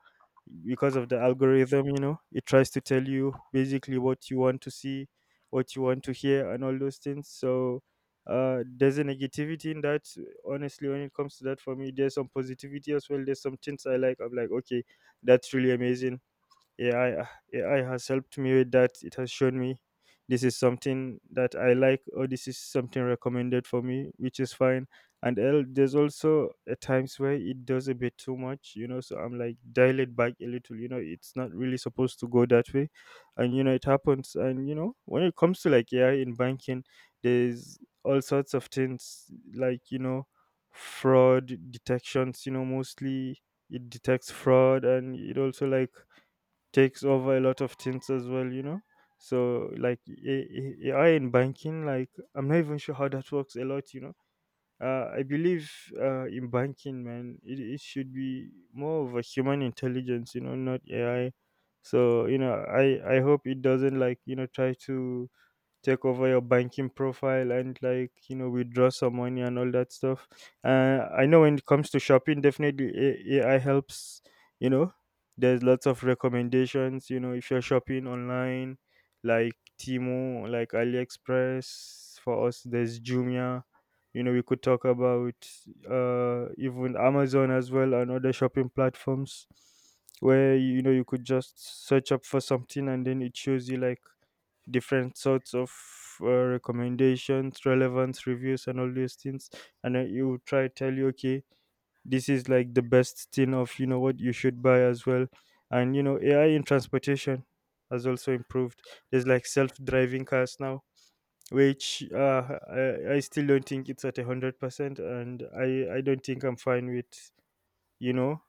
Speaker 1: because of the algorithm. It tries to tell you basically what you want to see, what you want to hear, and all those things. So there's a negativity in that, honestly. When it comes to that for me, there's some positivity as well. There's some things I like. I'm like, okay, that's really amazing. AI AI has helped me with that. It has shown me this is something that I like, or this is something recommended for me, which is fine. And there's also at times where it does a bit too much, So I'm like, dial it back a little, It's not really supposed to go that way, and it happens. And when it comes to like AI in banking, there's all sorts of things like fraud detections. Mostly it detects fraud, and it also like takes over a lot of things as well, So like AI in banking, like I'm not even sure how that works a lot, I believe, in banking, man, it should be more of a human intelligence, not AI. So you know, I hope it doesn't like you know try to take over your banking profile and like you know withdraw some money and all that stuff. I know when it comes to shopping, definitely AI helps, you know. There's lots of recommendations, you know, if you're shopping online, like Timo, like AliExpress. For us there's Jumia. You know, we could talk about even Amazon as well and other shopping platforms where you know you could just search up for something and then it shows you like different sorts of recommendations, relevance, reviews, and all these things. And then it will try tell you, okay, this is like the best thing of you know what you should buy as well. And you know, AI in transportation has also improved. There's like self-driving cars now, which I still don't think it's at 100%, and I don't think I'm fine with you know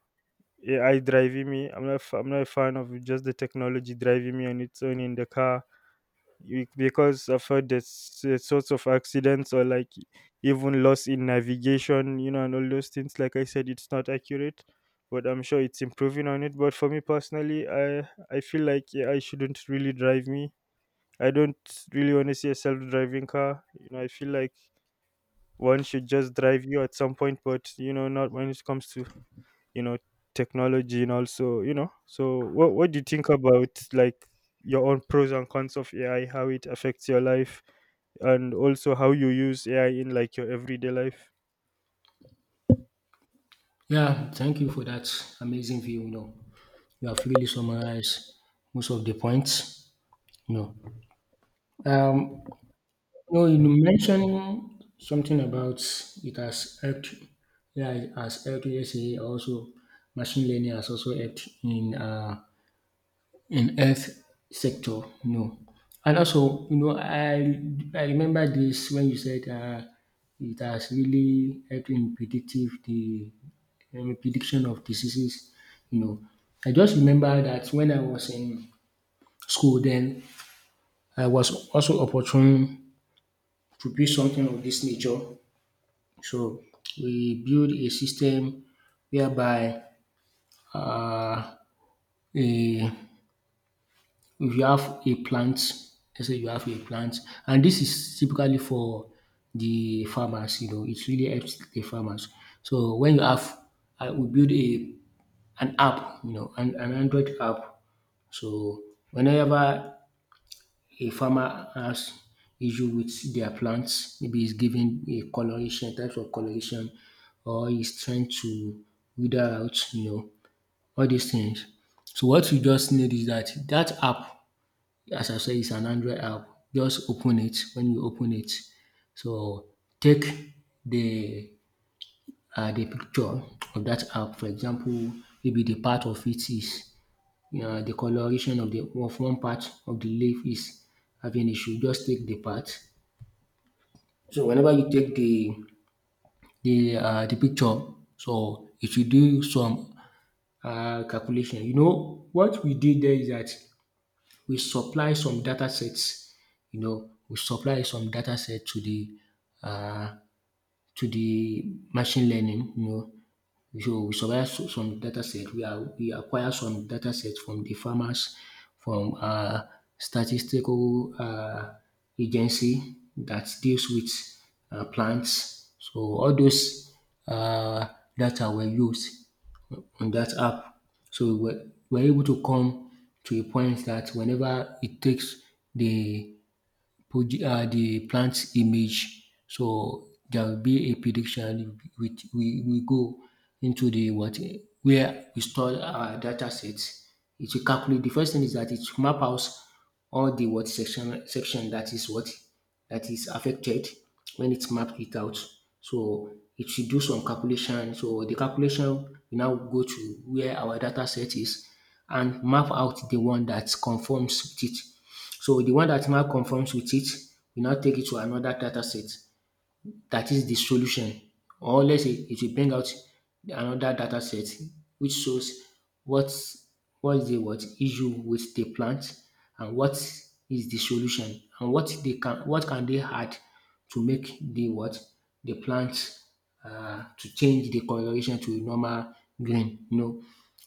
Speaker 1: AI driving me. I'm not a fan of just the technology driving me on its own in the car because I've heard there's sorts of accidents or like even loss in navigation, you know, and all those things. Like I said, it's not accurate, but I'm sure it's improving on it. But for me personally, I feel like yeah, I shouldn't really drive me. I don't really want to see a self-driving car. You know, I feel like one should just drive you at some point, but you know, not when it comes to you know technology and also you know. So what do you think about like your own pros and cons of AI, how it affects your life? And also how you use AI in like your everyday life.
Speaker 2: Yeah, thank you for that amazing view. You know, you have really summarized most of the points. You know, um, you know, you mentioned something about it has helped. Yeah, it has helped. Yes, eh, also machine learning has also helped in health sector, no. And also, you know, I remember this when you said it has really helped in predictive the prediction of diseases. You know, I just remember that when I was in school, then I was also opportune to build something of this nature. So we build a system whereby uh, a if you have a plant, let's say you have a plant, and this is typically for the farmers, you know, it really helps the farmers. So when you have I will build a an app, you know, an Android app. So whenever a farmer has issue with their plants, maybe he's giving a coloration, types of coloration, or he's trying to wither out, you know, all these things. So what you just need is that that app, as I say, it's an Android app. Just open it. When you open it, so take the the picture of that app. For example, maybe the part of it is the coloration of the of one part of the leaf is having issue. Just take the part. So whenever you take the the the picture, so it will do some calculation. You know what we did there is that we supply some data sets, you know, we supply some data set uh, to the machine learning, you know. So we survive some data set, we are we acquire some data set from the farmers, from statistical agency that deals with plants. So all those uh, data were used on that app. So we're able to come to a point that whenever it takes the the plant's image. So there will be a prediction which we go into the what where we store our data sets. It will calculate the first thing is that it will map out all the what section that is what that is affected when it's mapped it out. So it should do some calculation. So the calculation will now go to where our data set is and map out the one that conforms with it. So the one that now conforms with it, we now take it to another data set that is the solution, or let's say it will bring out another data set which shows what what is the what issue with the plant and what is the solution and what they can what can they add to make the what the plant to change the coloration to a normal green. You know,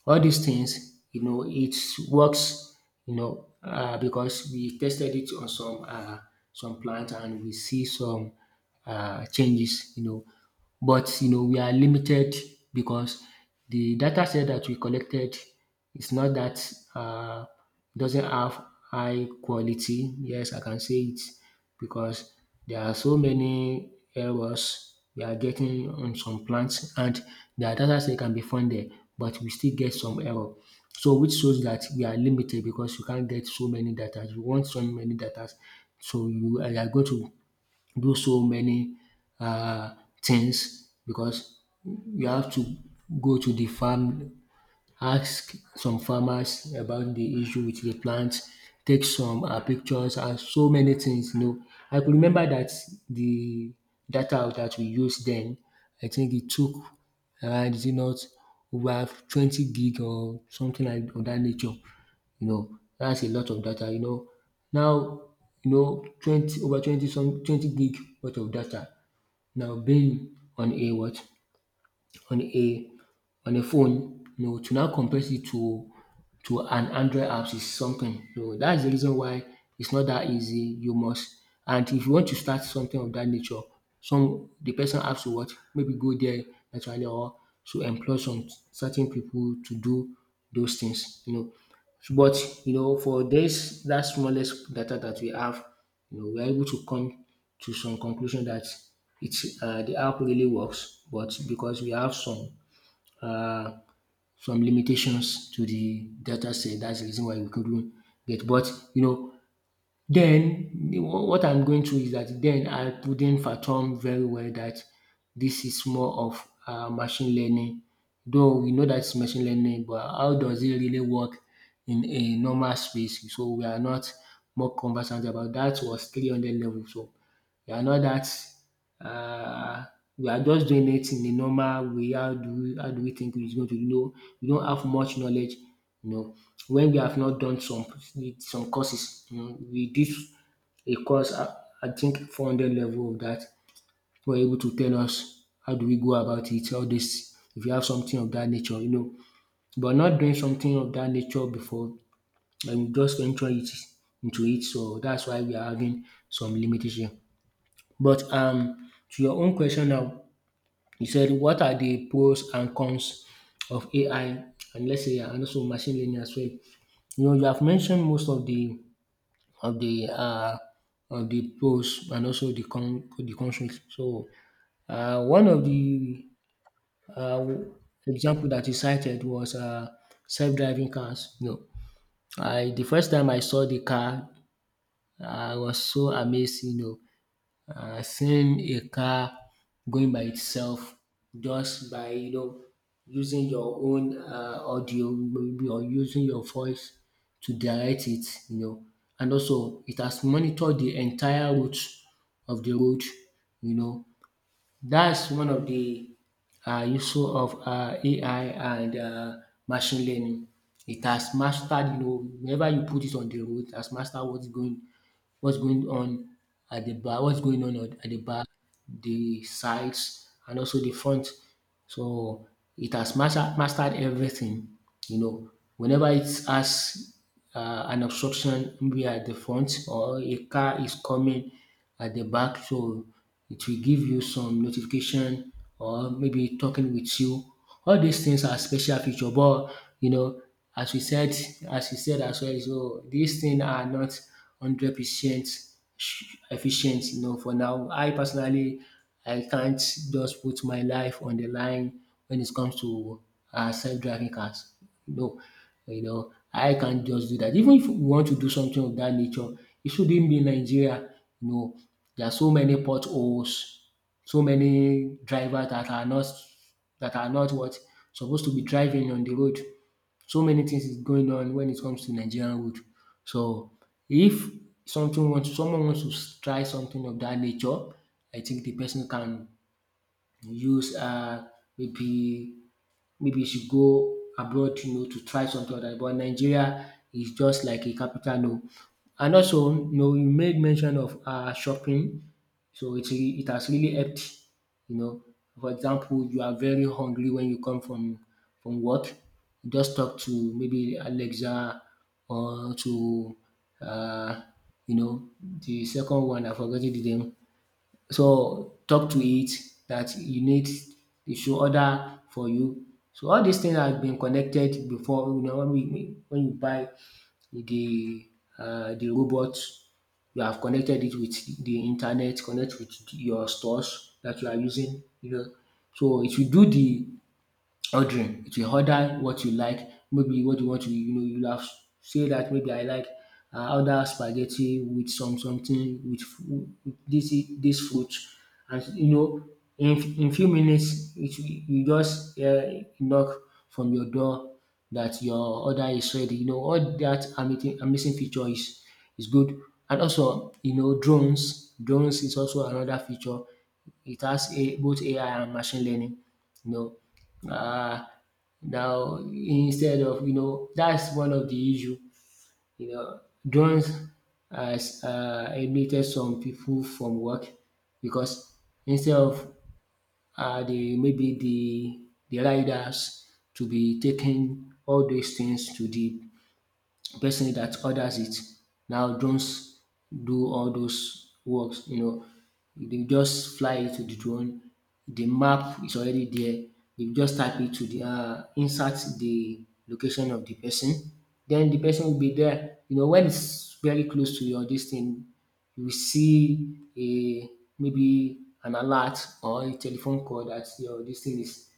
Speaker 2: all these things, you know, it works, you know, because we tested it on some plant and we see some changes, you know. But you know we are limited because the data set that we collected is not that doesn't have high quality. Yes, I can say it because there are so many errors we are getting on some plants and the data set can be found there but we still get some error. So which shows that we are limited because you can't get so many datas. You want so many datas so you are going to do so many things because you have to go to the farm, ask some farmers about the issue with the plant, take some pictures and so many things, you know. I could remember that the data that we used then, I think it took around is it not over 20 gig or something like of that nature, you know. That's a lot of data, you know. Now you know 20 over 20 some 20 gig worth of data now being on a what on a on a phone, you know, to now compare it to an Android apps is something. You know, that's the reason why it's not that easy. You must, and if you want to start something of that nature, some the person has to what maybe go there naturally or to employ some certain people to do those things. You know, but you know for this that smallest data that we have, you know, we're able to come to some conclusion that it's the app really works, but because we have uh, some limitations to the data set, that's the reason why we couldn't get. But you know, then what I'm going through is that then I couldn't fathom very well that this is more of machine learning. Though we know that's machine learning, but how does it really work in a normal space? So we are not more conversant about that was 300 level. So we are not that uh, we are just doing it in a normal way. How do we think it's going to, you know, we don't have much knowledge, you know, when we have not done some courses, you know, we did a course I think 400 level of that were able to tell us how do we go about it, all this if you have something of that nature, you know. But not doing something of that nature before and just venture it into it. So that's why we are having some limitation. But to your own question now you said, what are the pros and cons of AI and let's say and also machine learning as well? You know, you have mentioned most of the of the of the pros and also the cons. So one of the uh, example that you cited was self-driving cars. You know, I the first time I saw the car, I was so amazed. You know, seeing a car going by itself just by you know using your own audio maybe or using your voice to direct it, you know, and also it has monitored the entire route of the road, you know, that's one of the useful of AI and machine learning. It has mastered, you know, whenever you put it on the road, it has mastered what's going on at the back, what's going on at the back, the sides, and also the front. So it has mastered everything. You know, whenever it has an obstruction maybe at the front or a car is coming at the back, so it will give you some notification or maybe talking with you. All these things are special feature, but you know, as we said, as you said as well, so these things are not 100% efficient. You know, for now, I personally I can't just put my life on the line when it comes to self-driving cars. No, you know, I can't just do that. Even if we want to do something of that nature, it shouldn't be Nigeria. You know, there are so many potholes, so many drivers that are not what supposed to be driving on the road. So many things is going on when it comes to Nigerian wood. So if something wants someone wants to try something of that nature, I think the person can use maybe maybe you should go abroad, you know, to try something other, but Nigeria is just like a capital, no. And also you know you made mention of shopping, so it it has really helped, you know. For example, you are very hungry when you come from work, you just talk to maybe Alexa or to um you know the second one I forgot the name, so talk to it that you need they should order for you. So all these things have been connected before, you know, when we when you buy the the robot you have connected it with the internet, connect with your stores that you are using, you know. So it will do the ordering. It will order what you like, maybe what you want to, you'll have say that maybe I like order spaghetti with some something with this fruit, and you know, in few minutes, you just knock from your door that your order is ready. You know, all that amazing feature is good, and also you know, drones. Drones is also another feature. It has a, both AI and machine learning. You know, Ah, Now instead of you know that's one of the issue. You know, Drones has eliminated some people from work because instead of the maybe the riders to be taking all those things to the person that orders it. Now drones do all those works, you know. They just fly it to the drone. The map is already there. You just type it to the insert the location of the person. Then the person will be there. You know, when it's very close to your distance you will see a maybe an alert or a telephone call that your this thing is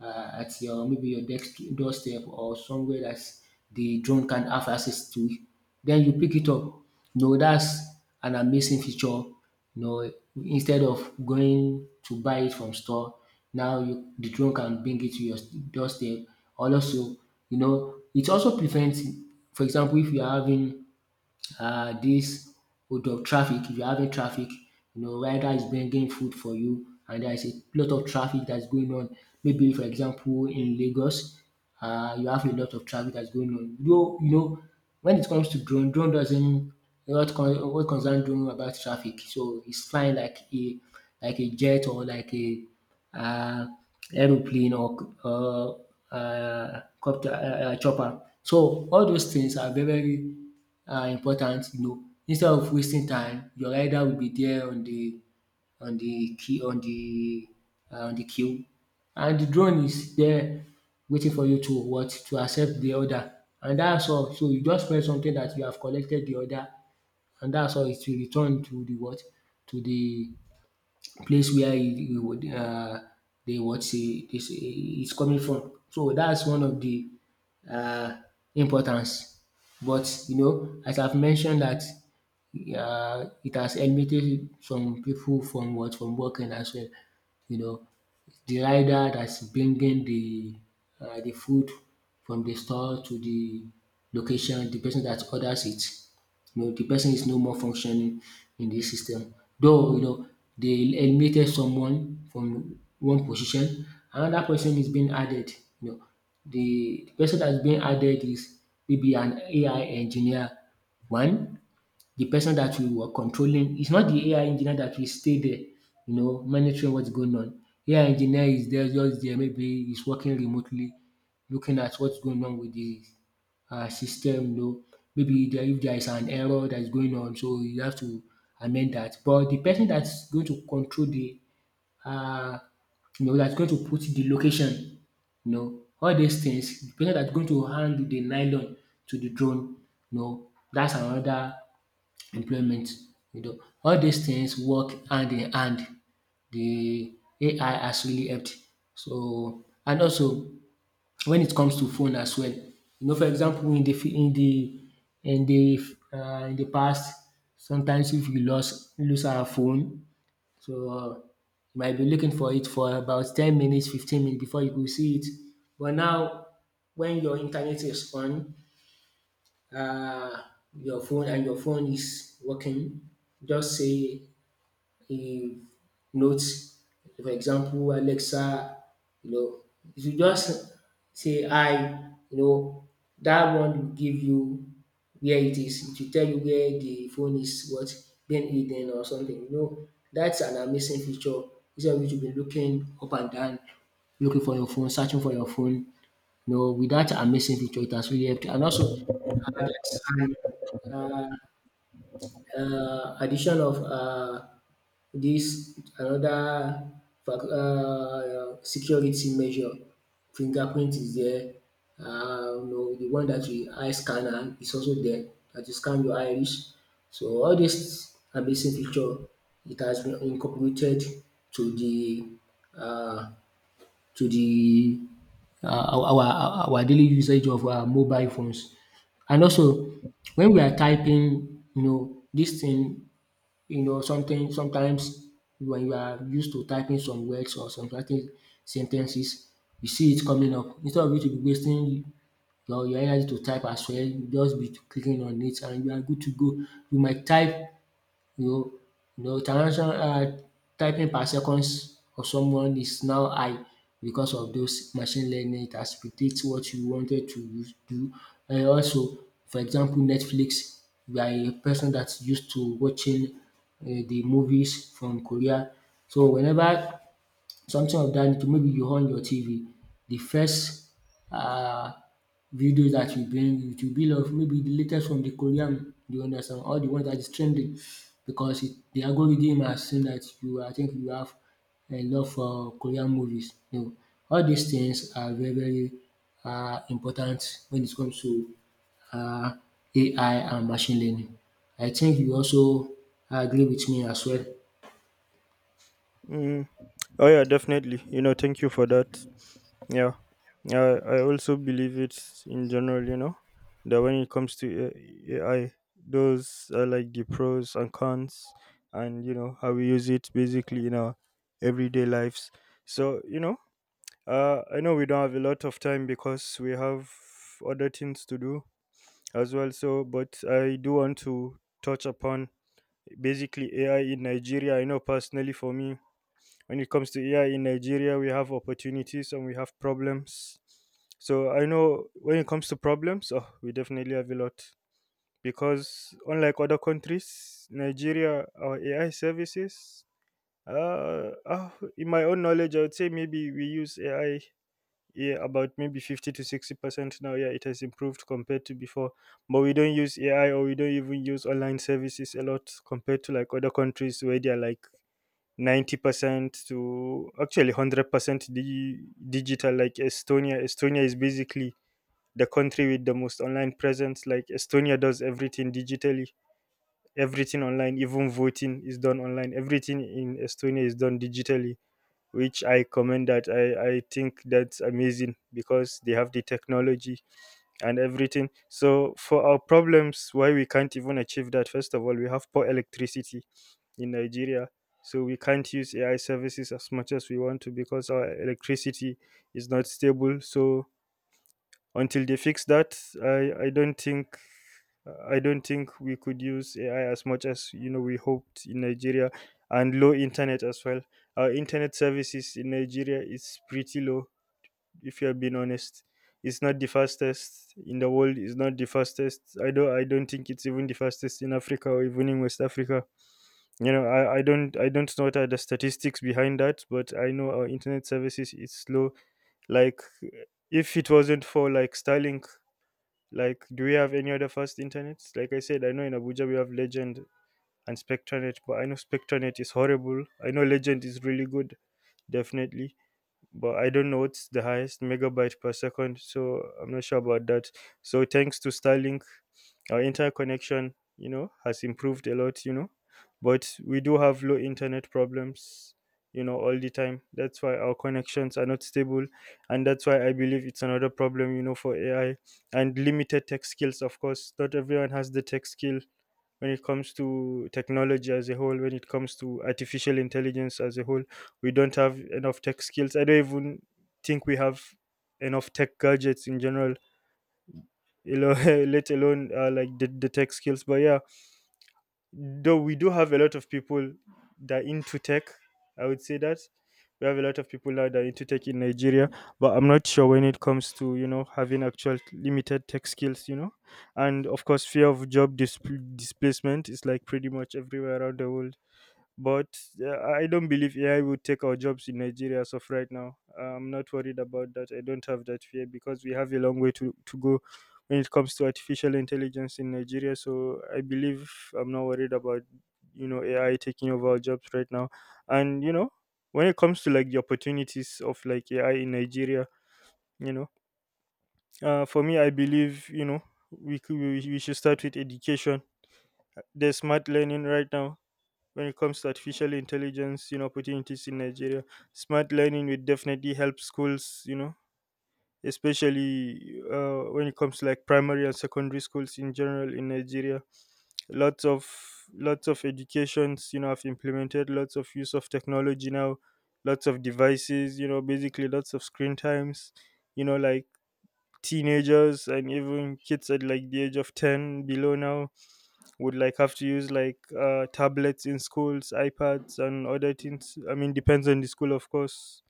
Speaker 2: at your maybe your desk doorstep or somewhere that the drone can have access to, then you pick it up. No, that's an amazing feature. You know, instead of going to buy it from store, now you, the drone can bring it to your doorstep. Also, you know, it also prevents, for example, if you're having this hold up traffic, if you are having traffic, you know rider is bringing food for you and there is a lot of traffic that is going on. Maybe for example in Lagos you have a lot of traffic that is going on. Though you know when it comes to drone, drone doesn't what concern drone about traffic, so it's flying like a jet or like a uh aeroplane or copter chopper. So all those things are very are important, you know, instead of wasting time, your rider will be there on the on the queue on the on the queue, and the drone is there waiting for you to what to accept the order, and that's all. So you just press something that you have collected the order, and that's all. It will return to the what to the place where he would dey what sey is coming from. So that's one of the um importance, but you know as I've mentioned that it has eliminated some people from what from working as well, you know. The rider that's bringing the de food from the store to the location, the person that orders it, you know, the person is no more functioning in this system. Though, you know, they eliminated someone from one position, another person is being added. You know, the person that's being added is maybe an AI engineer. One, the person that we were controlling is not the AI engineer that will stay there, you know, monitoring what's going on. AI engineer is there, just there, maybe he's working remotely, looking at what's going on with the system, you know, maybe there if there is an error that is going on, so you have to amend that. But the person that is going to control the um you know dat going to put the location, you know, all these things. The person dat going to hand the nylon to the drone, you know, dats another employment, you know. All these things work hand in hand. The AI has really helped. So and also when it comes to phone as well, you know, for example in the fi in the in the in the past, sometimes if you lost lose our phone, so you might be looking for it for about 10 minutes, 15 minutes before you go see it. But now when your internet is on, uh, your phone and your phone is working, just say a notes. For example, Alexa, you know, if you just say hi, you know, that one will give you where it is. It will tell you where the phone is what being hidden or something. You know, that's an amazing feature. Instead of you to be looking up and down, looking for your phone, searching for your phone. You know, with that amazing feature, it has really helped. And also, there's an addition of this another security measure, fingerprint is there. You know the one that you eye scanner is also there that you scan your iris. So all this amazing feature, it has been incorporated to um the our daily usage of our mobile phones. And also when we are typing, you know, this thing, you know, something sometimes when you are used to typing some words or some certain sentences, you see it coming up instead of you to be wasting your energy to type as well, you just be clicking on it and you are good to go. You might type no, no transnational typing per seconds of someone is now high because of those machine learning. It has predict what you do. And also, for example, Netflix, you are a person that's used to watching the movies from Korea. So whenever something of dat nature maybe you on your TV, the first um video that will bring it will be of maybe the latest from the Korean, you understand, or the one that is trending because it, the algorithm has seen that you, I think you have a love for Korean movies. You know, all these things are very important when it comes to um AI and machine learning. I think you also agree with me as well.
Speaker 1: Mm. Oh yeah, definitely. You know, thank you for that. Yeah, I also believe it in general. You know, that when it comes to AI, those are like the pros and cons, and you know how we use it basically in our everyday lives. So you know, I know we don't have a lot of time because we have other things to do as well. So, but I do want to touch upon basically AI in Nigeria. I know personally for me, when it comes to AI in Nigeria, we have opportunities and we have problems. So I know when it comes to problems, oh, we definitely have a lot because unlike other countries, Nigeria, our AI services, uh, uh, in my own knowledge, I would say maybe we use AI, yeah, about maybe 50 to 60% now. Yeah, it has improved compared to before, but we don't use AI or we don't even use online services a lot compared to like other countries where they're like 90% to actually 100% di digital. Like Estonia, Estonia is basically the country with the most online presence. Like Estonia does everything digitally. Everything online, even voting is done online. Everything in Estonia is done digitally, which I commend that. I think that's amazing because they have the technology and everything. So for our problems, why we can't even achieve that, first of all, we have poor electricity in Nigeria. So we can't use AI services as much as we want to because our electricity is not stable. So until they fix that, I don't think we could use AI as much as you know we hoped in Nigeria, and low internet as well. Our internet services in Nigeria is pretty low if you have been honest. It's not the fastest in the world, it's not the fastest. I don't think it's even the fastest in Africa or even in West Africa. You know, I don't know what are the statistics behind that, but I know our internet services is slow. Like if it wasn't for like Starlink, like, do we have any other fast internets? Like I said, I know in Abuja we have Legend and Spectranet, but I know Spectranet is horrible. I know Legend is really good, definitely, but I don't know what's the highest megabyte per second, so I'm not sure about that. So thanks to Starlink, our interconnection, you know, has improved a lot, you know, but we do have low internet problems, you know, all the time. That's why our connections are not stable, and that's why I believe it's another problem, you know, for AI and limited tech skills. Of course, not everyone has the tech skill when it comes to technology as a whole, when it comes to artificial intelligence as a whole. We don't have enough tech skills. I don't even think we have enough tech gadgets in general, you know, [laughs] let alone like the tech skills. But yeah, though we do have a lot of people that are into tech, I would say that we have a lot of people now that are into tech in Nigeria, but I'm not sure when it comes to you know having actual limited tech skills, you know. And of course fear of job displacement is like pretty much everywhere around the world. But I don't believe AI will take our jobs in Nigeria as of right now. I'm not worried about that. I don't have that fear because we have a long way to go when it comes to artificial intelligence in Nigeria. So I believe I'm not worried about, you know, AI taking over our jobs right now. And, you know, when it comes to like the opportunities of like AI in Nigeria, you know, for me, I believe, you know, we, could, we should start with education. There's smart learning right now when it comes to artificial intelligence, you know, opportunities in Nigeria. Smart learning will definitely help schools, you know, especially when it comes to like primary and secondary schools in general in Nigeria. Lots of lots of educations, you know, have implemented lots of use of technology now, lots of devices, you know, basically lots of screen times, you know, like teenagers and even kids at like the age of 10 below now would like have to use like tablets in schools, iPads, and other things. I mean, depends on the school, of course,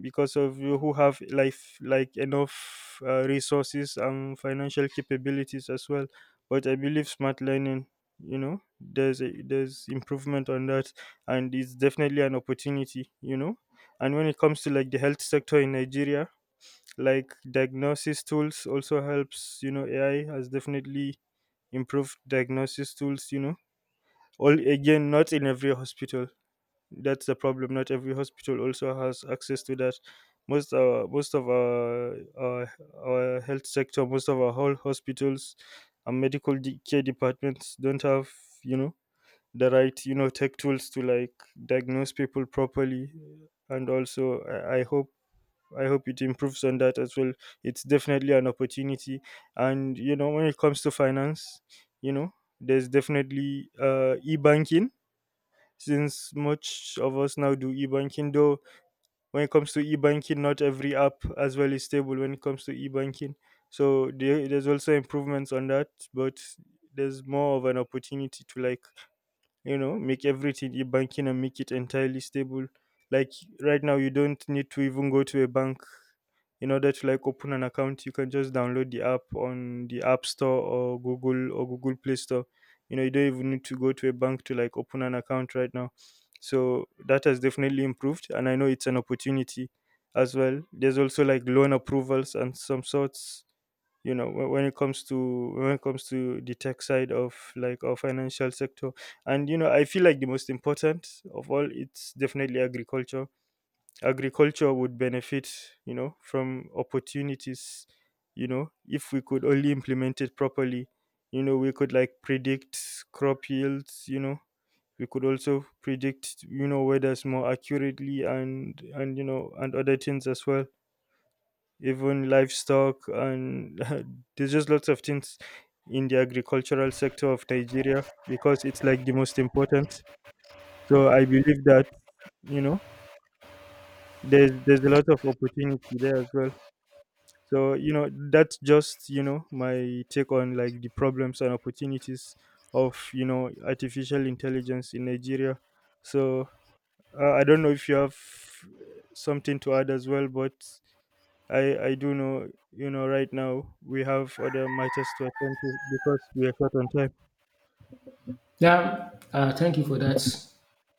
Speaker 1: because of you who have life like enough resources and financial capabilities as well. But I believe smart learning, you know, there's improvement on that, and it's definitely an opportunity, you know. And when it comes to like the health sector in Nigeria, like diagnosis tools also helps. You know, AI has definitely improved diagnosis tools. You know, all again not in every hospital, that's the problem. Not every hospital also has access to that. Most of our health sector, most of our whole hospitals and medical care departments don't have you know the right you know tech tools to like diagnose people properly. And also I hope it improves on that as well. It's definitely an opportunity, and you know when it comes to finance, you know there's definitely e-banking, since much of us now do e-banking. Though when it comes to e-banking not every app as well is stable when it comes to e-banking. So there's also improvements on that, but there's more of an opportunity to like you know make everything e-banking and make it entirely stable. Like right now you don't need to even go to a bank in order to like open an account. You can just download the app on the app store or Google Play Store. You know you don't even need to go to a bank to like open an account right now. So that has definitely improved and I know it's an opportunity as well. There's also like loan approvals and some sorts, you know, when it comes to the tech side of like our financial sector. And you know I feel like the most important of all, it's definitely agriculture. Agriculture would benefit you know from opportunities. You know if we could only implement it properly, you know we could like predict crop yields, you know, we could also predict you know weathers more accurately, and you know and other things as well, even livestock, and [laughs] there's just lots of things in the agricultural sector of Nigeria because it's like the most important. So I believe that you know there's a lot of opportunity there as well. So you know that's just you know my take on like the problems and opportunities of you know artificial intelligence in Nigeria. So I don't know if you have something to add as well, but I do know you know right now we have other matters to attend to because we are short on time.
Speaker 2: Yeah, thank you for that.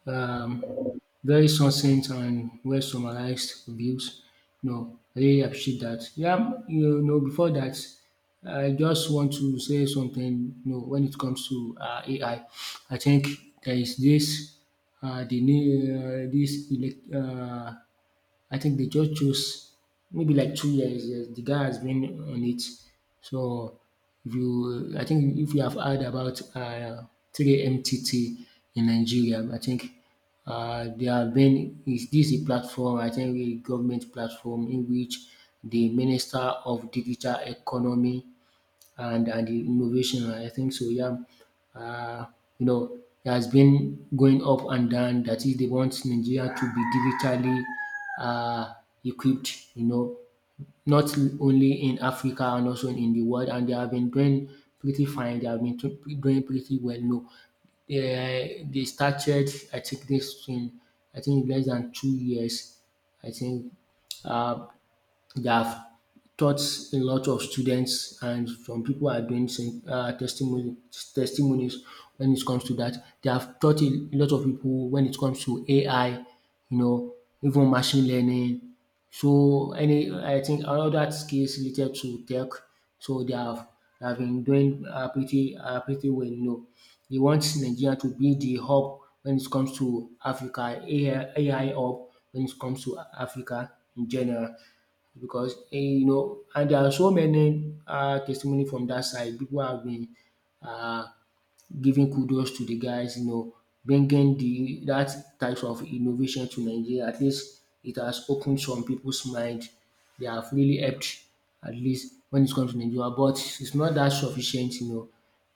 Speaker 2: um, Very succinct and well summarized views. No, I really appreciate that. Yeah, you know, before that, I just want to say something. You know, when it comes to AI, I think there is this the new this elect, I think they just chose maybe like 2 years. Yes, the guy has been on it. So if you, I think if you have heard about 3MTT in Nigeria, I think there have been is this a platform? I think a government platform in which the Minister of Digital Economy and the innovation. I think so. Yeah, uh, you know, it has been going up and down. That is, they want Nigeria to be digitally uh, equipped. You know, not only in Africa and also in the world. And they have been doing pretty fine. They have been doing pretty well. No, they started. I think this in I think less than 2 years. I think. Uh, they have taught a lot of students and some people are doing some testimonies when it comes to that. They have taught a lot of people when it comes to AI, you know, even machine learning. So any, I think all that skills related to tech. So they have been doing pretty well. You know, they want Nigeria to be the hub when it comes to Africa, AI hub when it comes to Africa in general because you know and there are so many testimony from that side. People have been um giving kudos to the guys, you know, bringing the that type of innovation to Nigeria. At least it has opened some people's mind. They have really helped at least when it comes to Nigeria, but it's not that sufficient, you know.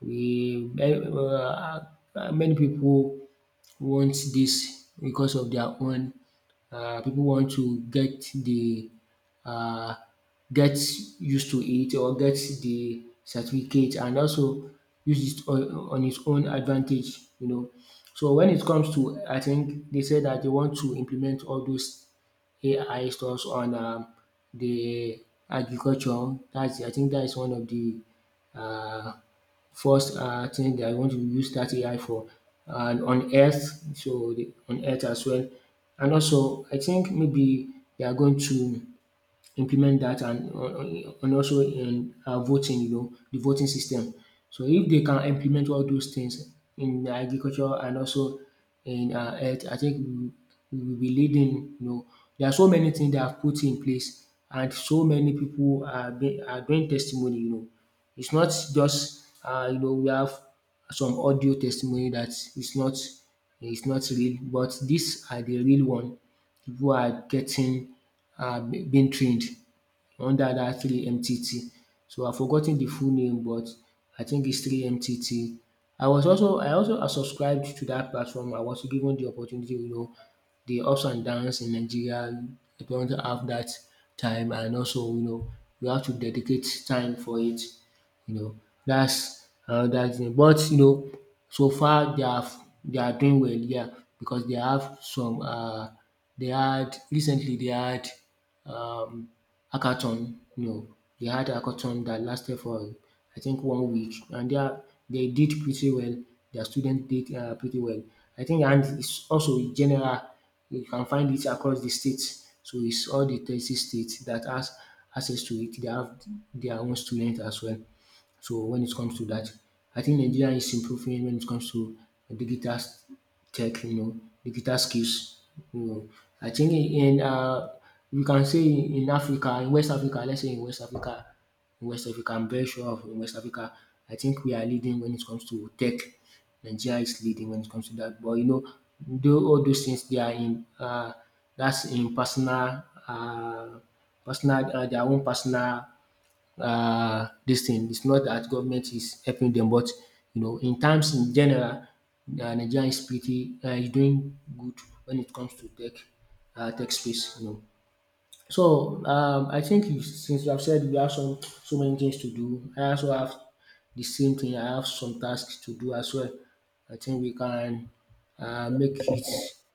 Speaker 2: We many people want this because of their own. People want to get the uh, get used to it or get the certificate and also use it on its own advantage, you know. So when it comes to, I think they said that they want to implement all those AI stuffs on the agriculture. That's, I think that is one of the uh first thing that are want to use dat AI for, and on health. So the, on health as well. And also I think maybe they are going to implement that and also in voting, you know, the voting system. So if they can implement all those things in agriculture and also in health, I think we will be leading, you know. There are so many things they have put in place and so many people are doing testimony, you know. It's not just you know we have some audio testimony that is not real, but these are the real one. Pipu are getting being trained under that three MTT. So I forgot ten the full name, but I think it's three MTT. I also subscribed to that platform. I was given the opportunity. You know, the ups and downs in Nigeria, we don't have that time, and also, you know, we have to dedicate time for it, you know. That's another thing, but you know so far they are doing well, yeah, because they have some they had um, hackathon. No, they had a hackathon that lasted for I think 1 week, and they did pretty well. Their students did pretty well. I think, and it's also in general, you can find it across the states. So it's all the 30 states that has access to it. They have their own students as well. So when it comes to that, I think Nigeria is improving when it comes to digital s- tech, you know, digital skills. You know, I think in we can say in Africa, in West Africa, let's say in West Africa, I'm very sure of in West Africa, I think we are leading when it comes to tech. Nigeria is leading when it comes to that. But you know, though all those things they are in that's in personal uh, their own personal this thing. It's not that government is helping them, but you know in terms in general, Nigeria is pretty is doing good when it comes to tech, tech space, you know. So I think you, since you have said you have some so many things to do, I also have the same thing. I have some tasks to do as well. I think we can make it.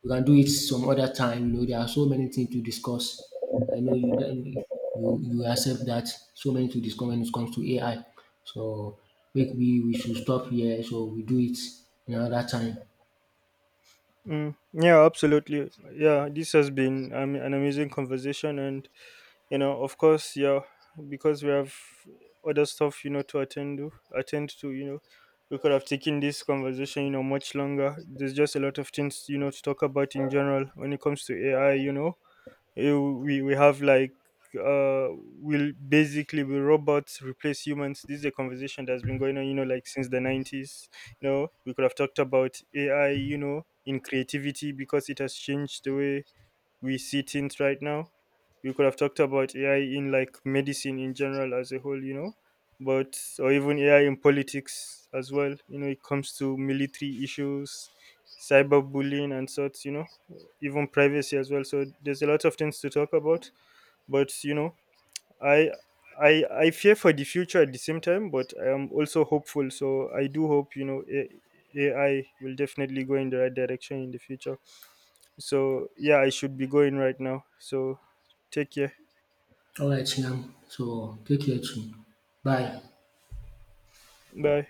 Speaker 2: We can do it some other time. You know, there are so many things to discuss. I know you accept that so many to discuss when it comes to AI. So maybe we should stop here. So we do it another time.
Speaker 1: Mm, yeah, absolutely. Yeah, this has been an amazing conversation, and you know of course yeah, because we have other stuff you know to attend to, you know, we could have taken this conversation you know much longer. There's just a lot of things you know to talk about in general when it comes to AI, you know. Eh, we have like uh will robots replace humans. This is a conversation that's been going on you know like since the 90s. You know we could have talked about AI you know in creativity because it has changed the way we see things right now. We could have talked about AI in like medicine in general as a whole, you know, but or even AI in politics as well. You know, it comes to military issues, cyberbullying and sorts. You know, even privacy as well. So there's a lot of things to talk about. But you know, I I fear for the future at the same time, but I am also hopeful. So I do hope you know AI will definitely go in the right direction in the future. So yeah, I should be going right now. So take care.
Speaker 2: All right, now. So take care too. Bye.
Speaker 1: Bye.